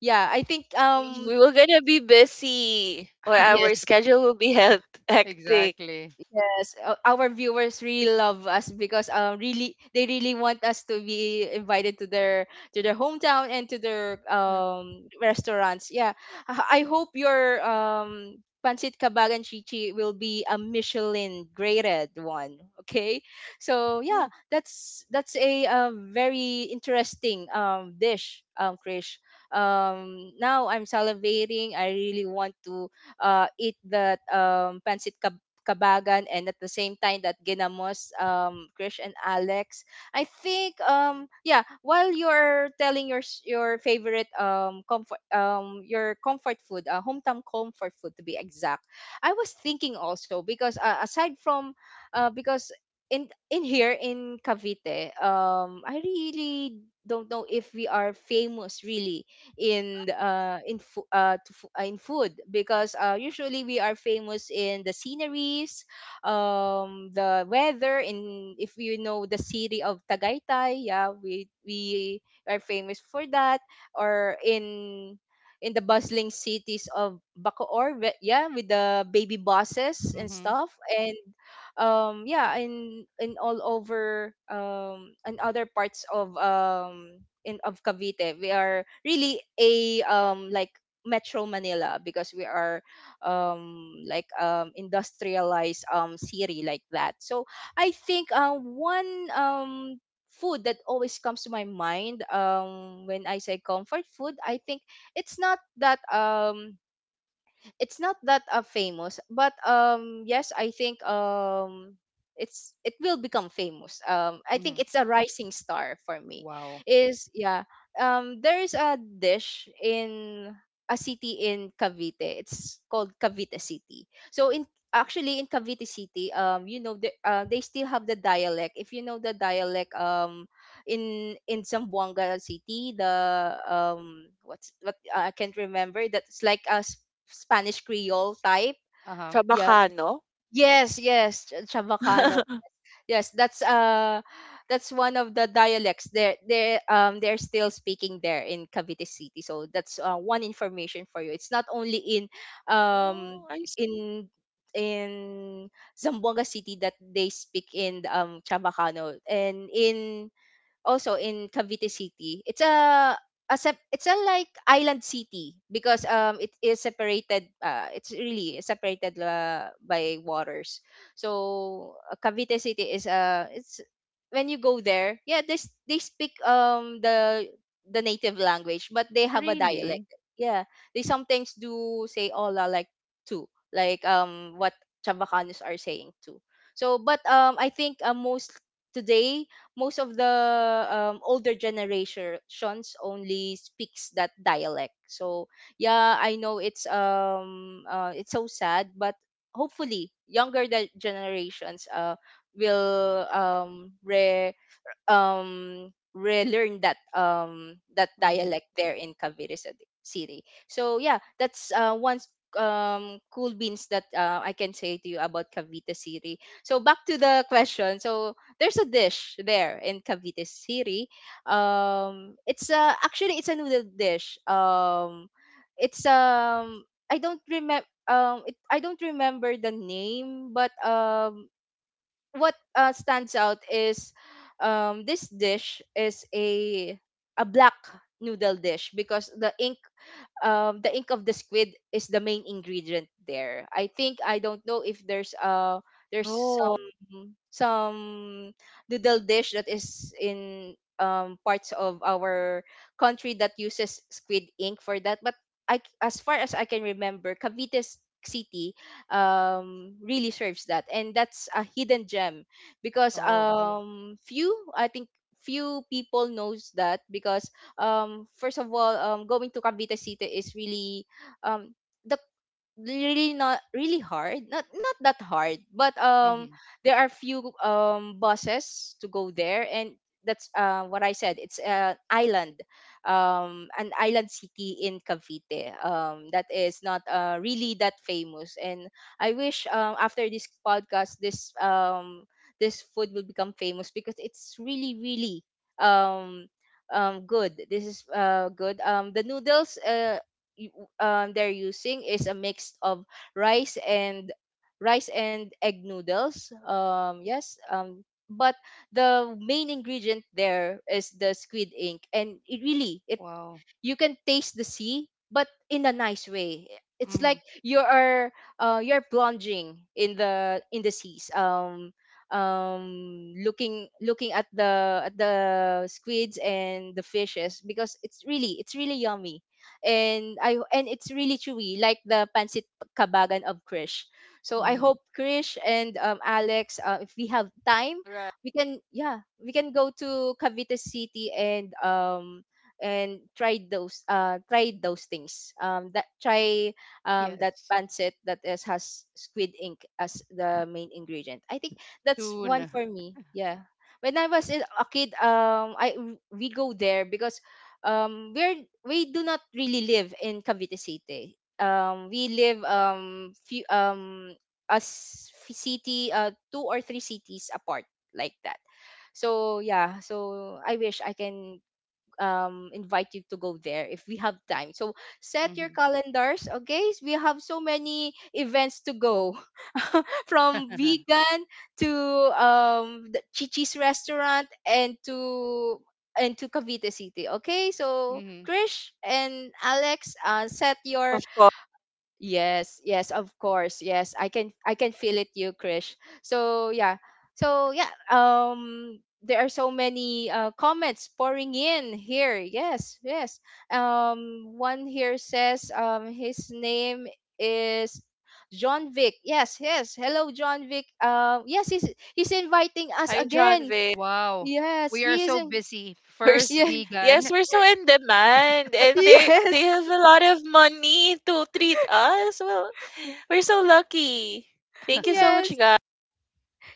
yeah, I think
We were gonna be busy, or our
yes,
schedule will be hectic.
Exactly.
Yes, our viewers really love us because really they really want us to be invited to their hometown and to their
Mm.
restaurants. Yeah, I hope your pancit kabagan chichi will be a Michelin graded one. Okay, so yeah,
Ooh.
that's a, very interesting dish Krish. Now I'm salivating. I really want to eat that pancit Kabagan and at the same time that Ginamos, Krish and Alex. I think yeah, while you're telling your your favorite comfort your comfort food, hometown comfort food to be exact. I was thinking also because aside from because in here in Cavite, I really don't know if we are famous really in in food because usually we are famous in the sceneries, the weather in if you know the city of Tagaytay. Yeah, we are famous for that or in the bustling cities of Bacoor, yeah, with the baby buses and
Mm-hmm.
stuff. And yeah in all over and other parts of in of Cavite we are really a like Metro Manila because we are like industrialized city like that. So I think one food that always comes to my mind when I say comfort food, I think it's not that um it's not that famous, but yes I think it's it will become famous. Um I think
Mm-hmm.
it's a rising star for me
Wow.
is yeah, there is a dish in a city in Cavite. It's called Cavite City. So in Actually in Cavite City you know the, they still have the dialect if you know the dialect in Zamboanga City, the what's what I can't remember. That's like a Spanish Creole type.
Uh-huh.
Yeah.
Trabacano.
Yes, yes, Chavacano. Yes, that's one of the dialects. They they're still speaking there in Cavite City. So that's one information for you. It's not only in um
Oh, I see.
in in Zamboanga City that they speak in Chavacano and in also in Cavite City. It's a, it's a like island city because it is separated it's really separated by waters. So Cavite City is it's when you go there, yeah, they speak the native language, but they have a
Really?
dialect. Yeah, they sometimes do say "hola" like too, like what Chabacanos are saying too. So, but I think most today most of the older generations only speaks that dialect. So yeah I know it's so sad, but hopefully younger generations will relearn that that
Mm-hmm.
dialect there in Cavite City. So yeah, that's cool beans that I can say to you about Cavite City. So back to the question. So there's a dish there in Cavite City. It's actually it's a noodle dish. It's I don't remember the name, but what stands out is this dish is a black noodle dish because the ink of the squid is the main ingredient there. I think I don't know if there's there's
Oh,
some noodle dish that is in parts of our country that uses squid ink for that. But as far as I can remember, Cavite City really serves that and that's a hidden gem because
Oh.
few I think few people knows that because first of all going to Cavite City is really um the really not really hard, not that hard, but
Mm-hmm.
there are few buses to go there. And that's what I said, it's an island city in Cavite that is not really that famous. And I wish after this podcast this this food will become famous because it's really really um good. This is good. Um the noodles y- they're using is a mix of rice and rice and egg noodles. Yes. But the main ingredient there is the squid ink, and it really it
Wow.
you can taste the sea, but in a nice way. It's
Mm-hmm.
like you are you're plunging in the seas, looking looking at the squids and the fishes because it's really yummy. And I and it's really chewy, like the pancit kabagan of Krish. So I
Mm-hmm.
hope Krish and Alex, if we have time
right.
we can yeah we can go to Cavite City and tried those things that
Yes.
pancit that is has squid ink as the main ingredient. I think that's one
Soon.
for me. Yeah when a kid, I we go there because we're we do not really live in Cavite City. Um we live few as city two or three cities apart like that. So yeah so I wish I can invite you to go there if we have time. So set your
Mm-hmm.
calendars, okay. We have so many events to go from vegan to the chichi's restaurant and to Cavite City. Okay, so
mm-hmm.
Krish and Alex, set your
Of course.
yes, yes, of course. Yes, I can feel it you, Krish. So, yeah. So, yeah, there are so many comments pouring in here. Yes, yes. One here says his name is John Vic. Yes, yes. Hello John Vic. Yes, he's inviting us
Hi, John.
again.
Wow.
Yes,
We are so busy.
We're s-
First
Yeah.
yes,
vegan.
we're so in demand, and they
Yes.
have a lot of money to treat us. Well, we're so lucky. Thank you so much,
Yes.
guys.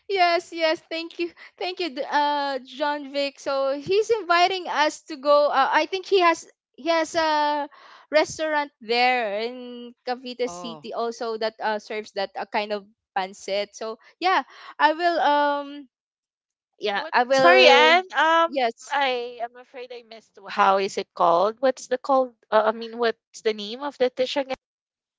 Yes, yes. Thank you, John Vic. So he's inviting us to go. I think he has a restaurant there in Cavite
Oh,
City also that serves that kind of pancit. So yeah, I will. Yeah,
What?
I
Sorry,
will.
Anne.
Yes,
I am afraid I missed. How is it called? What's the called? I mean, what's the name of the dish again?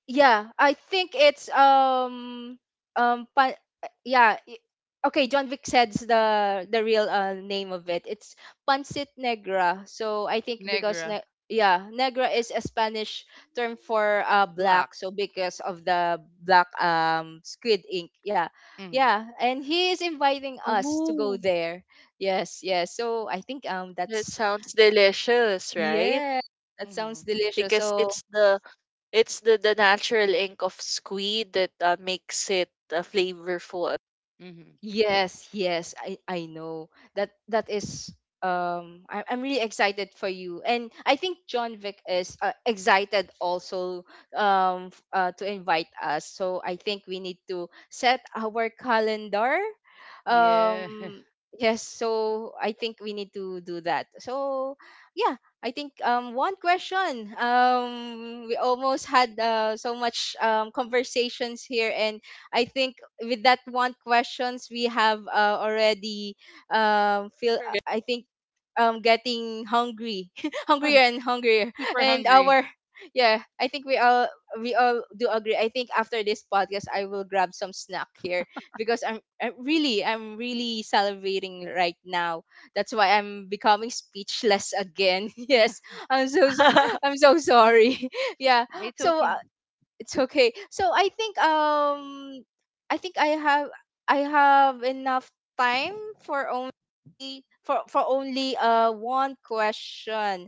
Yeah, I think it's um pa- yeah. i- okay, John Vic said's the real name of it. It's pancit negra. So I think because
negra,
yeah, negra is a Spanish term for
black.
black. So because of the black squid ink. Yeah.
Mm-hmm.
Yeah, and he is inviting us to go
Oh,
there. Yes, yes. So I think
that
that's
sounds delicious, right?
yeah, that sounds
Mm-hmm.
delicious.
Because
So
it's the natural ink of squid that makes it flavorful.
Mm-hmm.
yes, yes, I know. That is I'm really excited for you. And I think John Vic is excited also to invite us. So I think we need to set our calendar.
Yeah.
Um yes, so I think we need to do that. So yeah, I think one question. We almost had so much conversations here, and I think with that one questions we have already feel,
Correct.
I think getting hungry hungrier and hungrier.
Super
and
hungry.
our yeah, I think we all, we all do agree. I think after this podcast I will grab some snack here because I'm really, I'm really salivating right now. That's why I'm becoming speechless again. Yes, I'm so, I'm so sorry. Yeah.
It's
So
okay.
it's okay. So I think I think I have, I have enough time for only one question.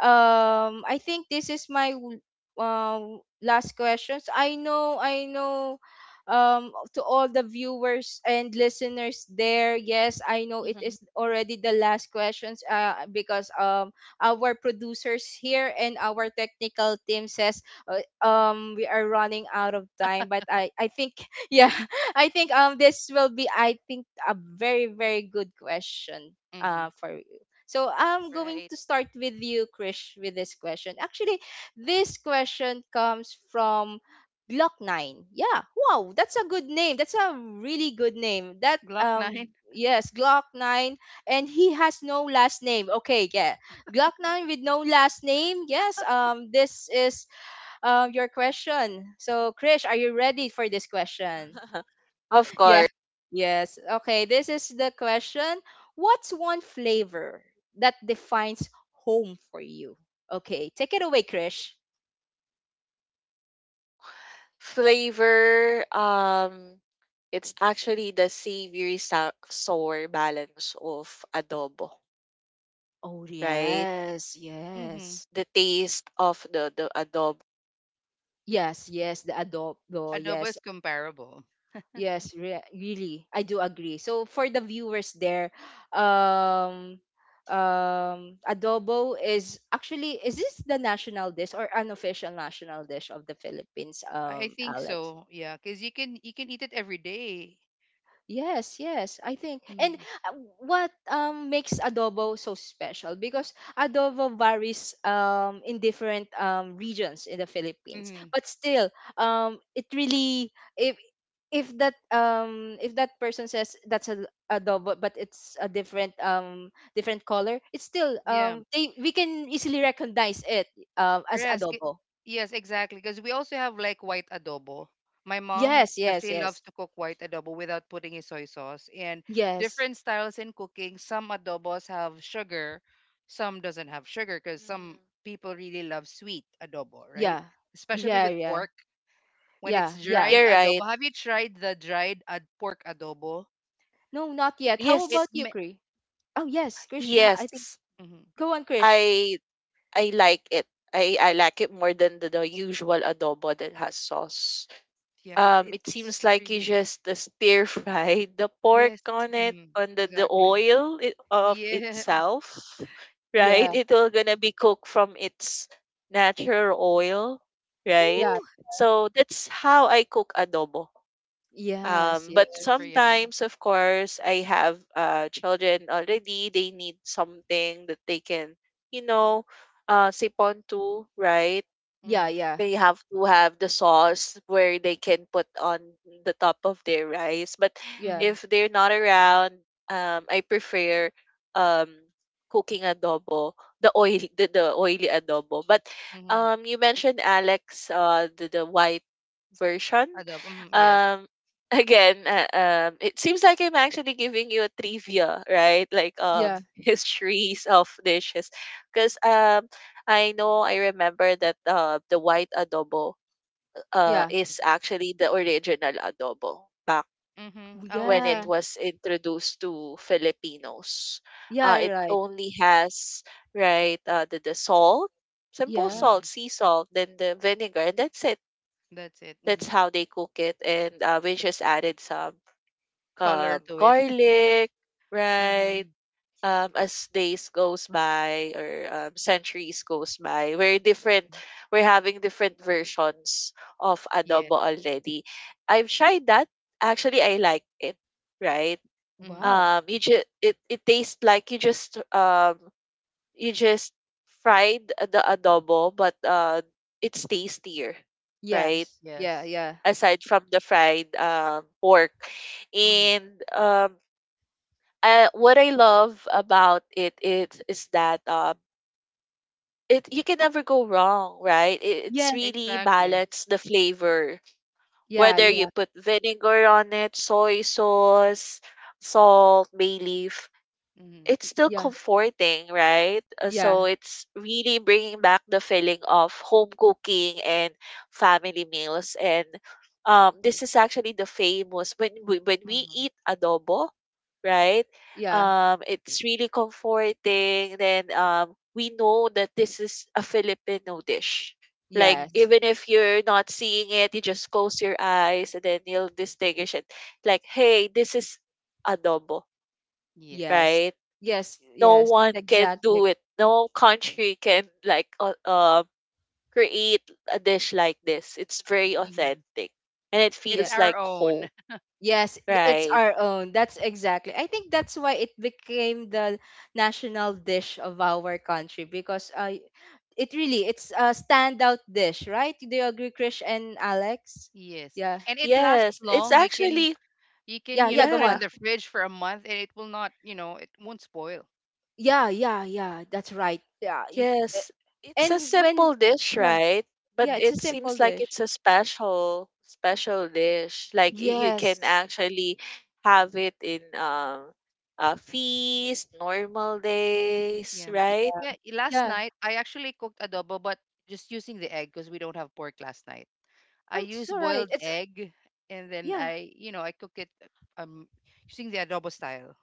I think this is my last questions. I know, I know. To all the viewers and listeners there, yes, I know it
Mhm.
is already the last questions. Because our producers here and our technical team says, we are running out of time. But I think, yeah, I think this will be, I think, a very, very good question
Mm-hmm.
for you. So I'm going
Right.
to start with you, Krish, with this question. Actually, this question comes from Glock Nine. Yeah, wow, that's a good name. That's a really good name. That
Glock 9.
yes, Glock Nine, and he has no last name. Okay, yeah, Glock Nine with no last name. Yes, this is your question. So, Krish, are you ready for this question?
Of
Yeah.
course.
Yes. Okay. This is the question. What's one flavor that defines home for you? Okay. Take it away, Krish.
Flavor, it's actually the savory sour balance of adobo,
Oh,
right?
yes.
Mm-hmm.
Yes.
The taste of the adobo.
Yes. Yes. The adobo.
Adobo
Yes.
is comparable.
Really, I do agree. So, for the viewers there, um, adobo is actually, is this the national dish or unofficial national dish of the Philippines,
I think
Alex?
so. Yeah, because you can eat it every day.
Yes, yes, I think. And
Mm-hmm.
uh, what makes adobo so special? Because adobo varies in different regions in the Philippines.
Mm-hmm.
But still, it really, if that if that person says that's a adobo but it's a different different color, it's still,
Yeah.
they, we can easily recognize it as
Yes, ki-
adobo.
yes, exactly. Because we also have like white adobo. My mom
Yes, yes,
actually loves
yes.
to cook white adobo without putting in soy sauce. And
Yes.
different styles in cooking. Some adobos have sugar, some doesn't have sugar because some
Mhm.
people really love sweet adobo, right?
Yeah.
Especially
Yeah,
with
yeah.
pork when it's
Yeah, yeah.
dried
You're right.
adobo. Have you tried the dried ad pork adobo?
No, not yet. How
It
about
Yes,
you,
ma-
Krish? Oh, yes, Krish. I think
yes.
Mhm.
go on, Krish.
I I like it. I like it more than the usual adobo that has sauce.
Yeah,
It seems
it's
like you
really
just stir fry the pork
yes,
on it
mm,
on the
exactly.
oil of
Yeah,
itself, right?
yes.
Yeah,
It will gonna be cooked from its natural oil, right?
yeah,
So that's how I cook adobo.
yes,
But
Super
yes.
yummy.
sometimes, of course, I have children already. They need something that they can, you know, sip on to, right?
Yeah,
Mhm.
yeah,
They have to have the sauce where they can put on the top of their rice. But
yeah,
Mhm.
if they're not around, I prefer um cooking adobo, the oil, the oily adobo. But
Mhm.
you mentioned Alex, the white version.
Adobo. Mhm. Yes.
Um, again, it seems like I'm actually giving you a trivia, right? Like
yeah,
Mhm.
histories of dishes, because. I know I remember that the white adobo
yeah,
is actually the original adobo back
Mhm. Oh, I
when it
see.
yeah,
was introduced to Filipinos.
yeah,
It
right.
only has, right, the salt, simple
Yeah.
salt,
Mhm.
sea salt, then the vinegar, and that's it.
That's it.
That's
Mhm.
how they cook it. And we just added some
Color to it.
garlic, right?
mhm.
Um, as days goes by or centuries goes by, we're different. We're having different versions of
Yeah.
adobo already. I've tried that. Actually, I like it. Right?
Mhm.
Wow.
You just it tastes like you just fried the adobo, but it's tastier, right?
Yes. Yeah,
Yes.
yeah.
Aside from the fried pork,
Mhm.
and um what I love about it is that it you can never go wrong, right? It, it's
Yes.
really
Exactly.
balance the flavor.
Yeah,
Whether you
yeah,
put vinegar on it, soy sauce, salt, bay leaf,
Mhm.
it's still
yeah,
comforting, right?
yeah,
So it's really bringing back the feeling of home cooking and family meals. And this is actually the famous when when we
Mhm.
eat adobo, right?
yeah.
It's really comforting. Then we know that this is a Filipino dish. Like
Mhm.
Yes.
even if you're not seeing it, you just close your eyes and then you'll distinguish it. Like, hey, this is adobo,
Yes.
Yes.
right?
Yes,
No
yes.
one can do
Exactly.
it. No country can like create a dish like this. It's very
Mhm.
authentic and it
It's
Yeah.
feels
our
like home,
own.
Yes, it's
right?
our own. That's exactly. I think that's why it became the national dish of our country because it really, it's a standout dish, right? Do you agree, Krish and Alex?
Yes.
Yeah,
And it lasts
Yes, it's
long. You can
actually
you can,
yeah,
you know,
yeah. Go
put it in
yeah,
on.
the fridge for a month and it will not, you know, it won't spoil.
Yeah, yeah, yeah. That's right. Uh,
yes. It's a
and when
simple dish,
yeah,
right? But
yeah,
Mhm.
it's a
it
simple
seems like
dish.
it's a special special dish. Like
Mhm.
you can
Yes.
actually have it in a feast, normal days,
Yeah.
right?
Yeah, I- last
Yeah.
night I actually cooked adobo, but just using the egg because we don't have pork last night. I
Oh, it's
used
all right.
boiled
It's
egg and then
yeah.
I, you know, I cook it um using the adobo style.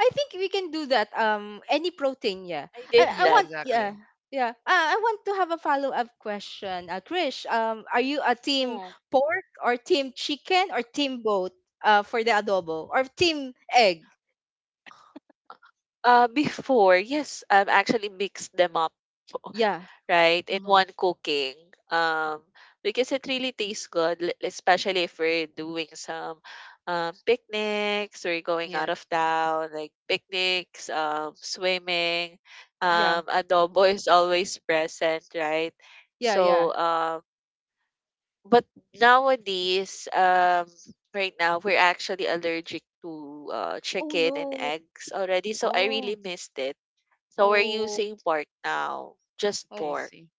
I think we can do that. Any protein, yeah.
I
I,
did
I
Yeah,
that.
want, yeah,
exactly.
yeah. I want to have a follow up question. Krish, are you a team
Hmm.
pork or team chicken or team both? For the adobo or team egg?
Before, yes, I've actually mixed them up,
Yeah,
right, in
Mm-hmm.
one cooking. Um, because it really tastes good, especially if we're doing some picnics, we're going out of
Yes.
town, like picnics, swimming.
yeah,
Adobo is always present, right?
yeah, yeah.
So, but nowadays, right now, we're actually allergic to
Oh
chicken and
no.
eggs already. So I really
Oh,
missed it so we're using pork now, just
Oh,
I
pork.
see.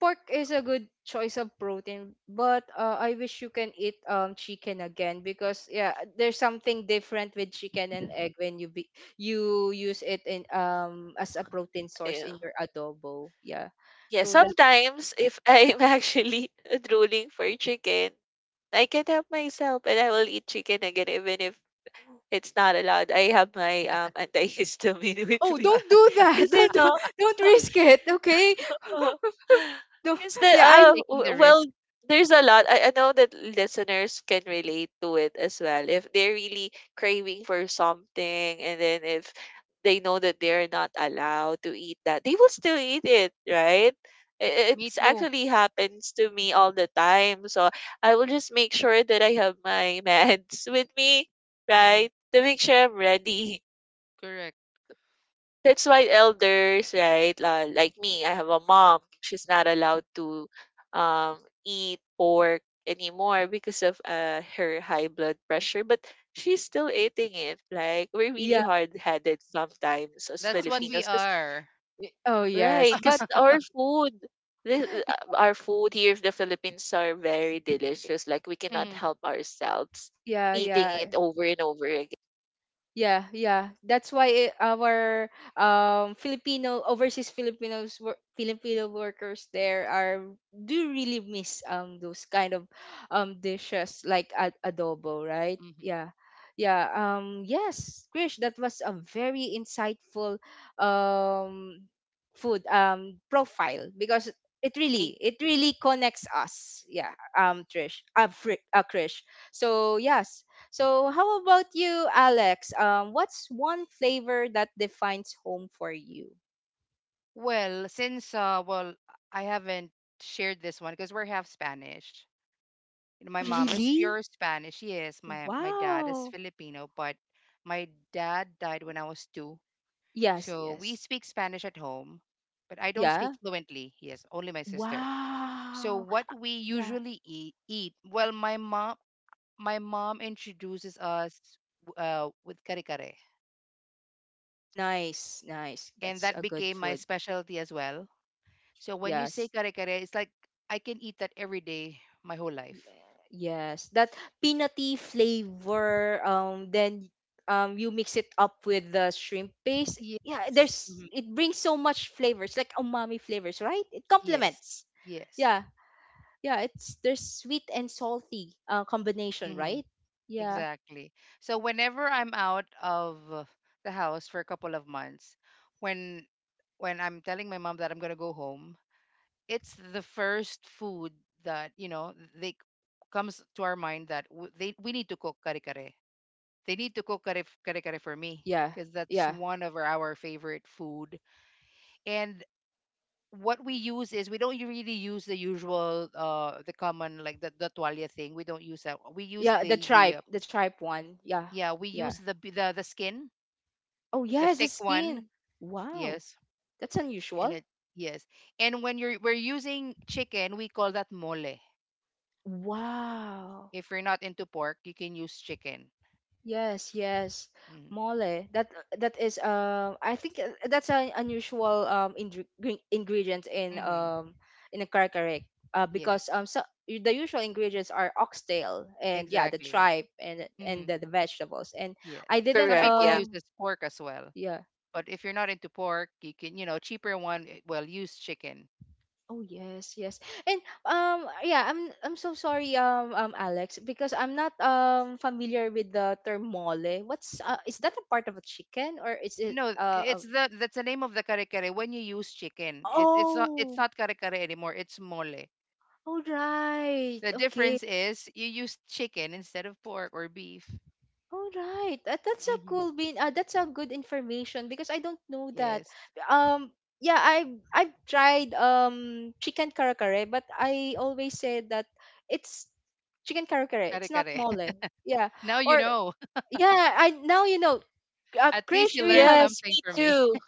pork is a good choice of protein, but I wish you can eat chicken again because yeah, there's something different with chicken and egg when you use it in, as a protein source
Yeah.
in your adobo. Yeah.
Yeah,
So that's,
sometimes if I'm actually drooling for chicken, I can help myself and I will eat chicken again even if it's not allowed. I have my antihistamine with
oh,
me.
don't do that.
Because you know
Don't risk it, okay?
Uh-huh.
Don't,
The
yeah, I
Taking the
well,
risk.
there's a lot. I know that listeners can relate to it as well. If they're really craving for something, and then if they know that they're not allowed to eat that, they will still eat it, right? It
Me
it's
too.
actually happens to me all the time. So I will just make sure that I have my meds with me,
Mm-hmm.
right? To make sure I'm ready
Correct.
that's why elders, right, like me, I have a mom. She's not allowed to um, eat pork anymore because of her high blood pressure, but she's still eating it. Like, we're really
yeah.
hard headed sometimes as
That's what we
Filipinos, because,
are.
Oh
right,
yes, but
because our food. The, our food here in the Philippines are very delicious. Like we cannot
Mm-hmm.
help ourselves
yeah,
eating
yeah.
it over and over again.
Yeah, yeah. That's why it, our Filipino overseas Filipinos Filipino workers there are do really miss those kind of dishes like adobo, right?
Mm-hmm.
Yeah. Yeah, yes, Krish, that was a very insightful um food profile because it really connects us. Yeah, um, Krish. So, yes, so, how about you, Alex? What's one flavor that defines home for you?
Well, since well, I haven't shared this one because we're half Spanish. You know,
Oh,
my mom is
really?
pure Spanish. Yes, my dad is
Wow.
Filipino, but my dad died when I was two.
Yes,
So we
yes.
speak Spanish at home, but I don't speak
Yeah.
fluently. Yes, only my sister. So
Wow.
what we
Yeah.
usually eat, my mom, my mom introduces us with kare kare,
Nice, nice.
and
That's
that
a good
became my
food.
specialty as well. So when you say
Yes.
kare kare, it's like I can eat that every day my whole life.
Yeah, Yes. That peanutty flavor. Then you mix it up with the shrimp paste. Yeah,
Yes.
there's,
Mhm.
it brings so much flavors, like umami flavors, right? It
Yes.
complements.
Yes.
Yeah. Yeah, it's, there's sweet and salty combination,
Mhm.
right? Yeah,
Exactly. So whenever I'm out of the house for a couple of months, when when I'm telling my mom that I'm gonna go home, it's the first food that you know they comes to our mind that w- they we need to cook kare kare. They need to cook kare for me
yeah,
because that's
yeah,
one of our favorite food. And what we use is we don't really use the usual the common like the toalla thing. We don't use that. We use
yeah.
the the uh,
The tripe one. Yeah,
yeah, we
yeah.
use the skin,
Oh
the
yes, the
thick one.
skin. Wow,
Yes,
that's
and
unusual.
it yes. And when you're we're using chicken, we call that mole.
Wow.
If you're not into pork, you can use chicken.
Yes, yes.
Mm,
Mole. That, that is I think that's an unusual um ingredient
Mm-hmm. hmm
in a karkarek. Because
Yes,
so the usual ingredients are oxtail and, yeah, the
exactly.
tripe and
Mm-hmm.
the vegetables. And
Yes.
I didn't
Some
Correct,
people
yeah.
use this pork as well,
yeah.
but if you're not into pork, you can you know cheaper one. Eh, Well, use chicken.
Oh yes, yes. And yeah, I'm so sorry Alex because I'm not familiar with the term mole. What's is that a part of a chicken or is it
No, it's the that's the name of the kare kare. When you use chicken, it's
oh,
not kare kare anymore. It's mole.
all right.
The
Okay.
difference is you use chicken instead of pork or beef.
All right. That, that's a
Mm-hmm.
cool bean. That's a good information because I don't know that.
Yes.
Um yeah, I I've tried chicken kare kare, but I always said that it's chicken kare kare.
Kare
It's not
kare.
mole. Yeah.
Now you
Or
know.
yeah, I, now you know.
At least
Krish,
you
we
learned
have,
Yes,
something
me
from me.
too.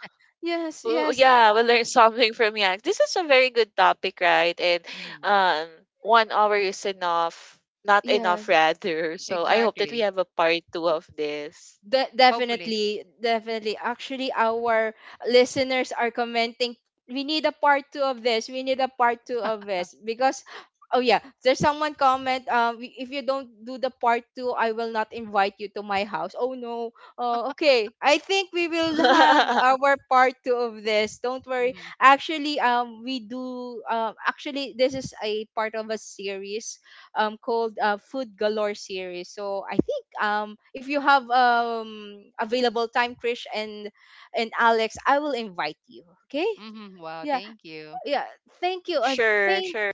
yes,
Oh
yes,
yeah, we'll learn something from Yang. This is a very good topic, right? And
hmm
um, 1 hour is enough, not enough
yes.
rather. So I hope that we
Exactly.
have a part two of this.
Hopefully.
Definitely, definitely. Actually, our listeners are commenting. We need a part two of this. We need a part two of this because, oh yeah, there's someone comment. "We- if you don't do the part two, I will not invite you to my house." Oh no. Oh, okay. I think we will have our part two of this. Don't worry.
Hmm
Actually, we do. Actually, this is a part of a series called Food Galore series. So I think if you have available time, Krish and Alex, I will invite you. Okay?
hmm Wow.
Yeah,
Thank you.
yeah. Thank you.
Sure,
Thank,
sure.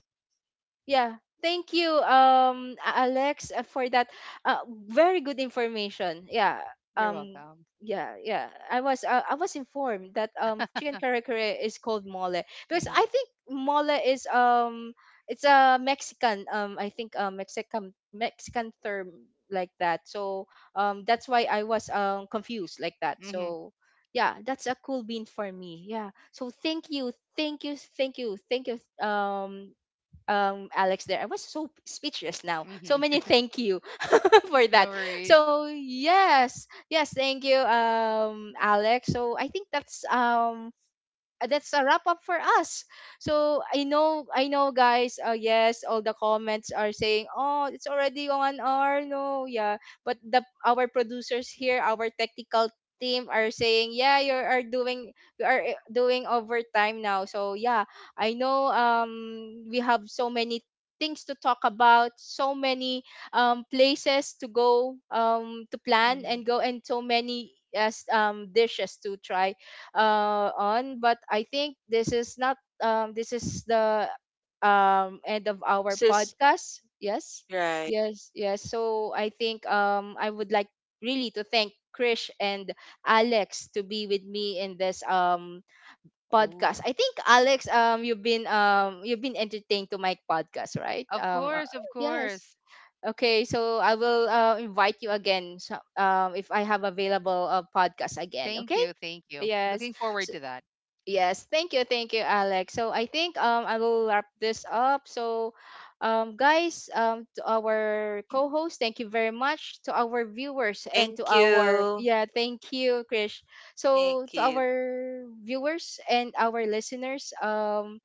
yeah. Thank you, Alex, for that very good information. Yeah.
You're
Um.
welcome.
Yeah. Yeah. I was informed that chicken kare kare is called mole because
Hmm
I think mole is it's a Mexican I think a Mexican Mexican term like that. So that's why I was confused like that.
hmm
So. Yeah, that's a cool bean for me. Yeah. So thank you, thank you, thank you, thank you, um, Alex there. I was so speechless now. So
hmm
many thank you for
No
that.
worries.
So yes, yes, thank you, Alex. So I think that's a wrap up for us. So I know, guys. Yes, all the comments are saying, "Oh, it's already 1 hour." No, yeah, but the our producers here, our technical team are saying, "Yeah, you are doing overtime now." So yeah, I know. We have so many things to talk about, so many places to go to plan
Hmm
and go, and so many, yes, dishes to try on. But I think this is not this is the end of our
This is
podcast. Yes,
right.
yes, yes. So I think I would like really to thank Krish and Alex to be with me in this podcast.
Oh,
I think Alex, you've been entertained to my podcast, right?
of course. Of
Yes.
course.
Okay, so I will invite you again, so, if I have available a podcast again.
Thank
Okay?
you. Thank you.
Yes.
Looking forward to that.
Yes, thank you, Alex. So I think I will wrap this up. So, guys, um, to our co-host, thank you very much, to our viewers and to
Thank
our,
you.
yeah, thank you, Krish. So
Thank
to our
you.
viewers and our listeners,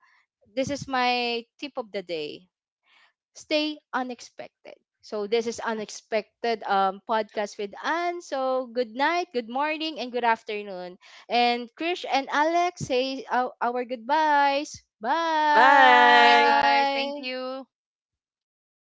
this is my tip of the day: stay unexpected. So this is unexpected, podcast with Anne. So good night, good morning, and good afternoon. And Krish and Alex, say our goodbyes.
Bye,
Bye.
guys. Thank
Bye.
you.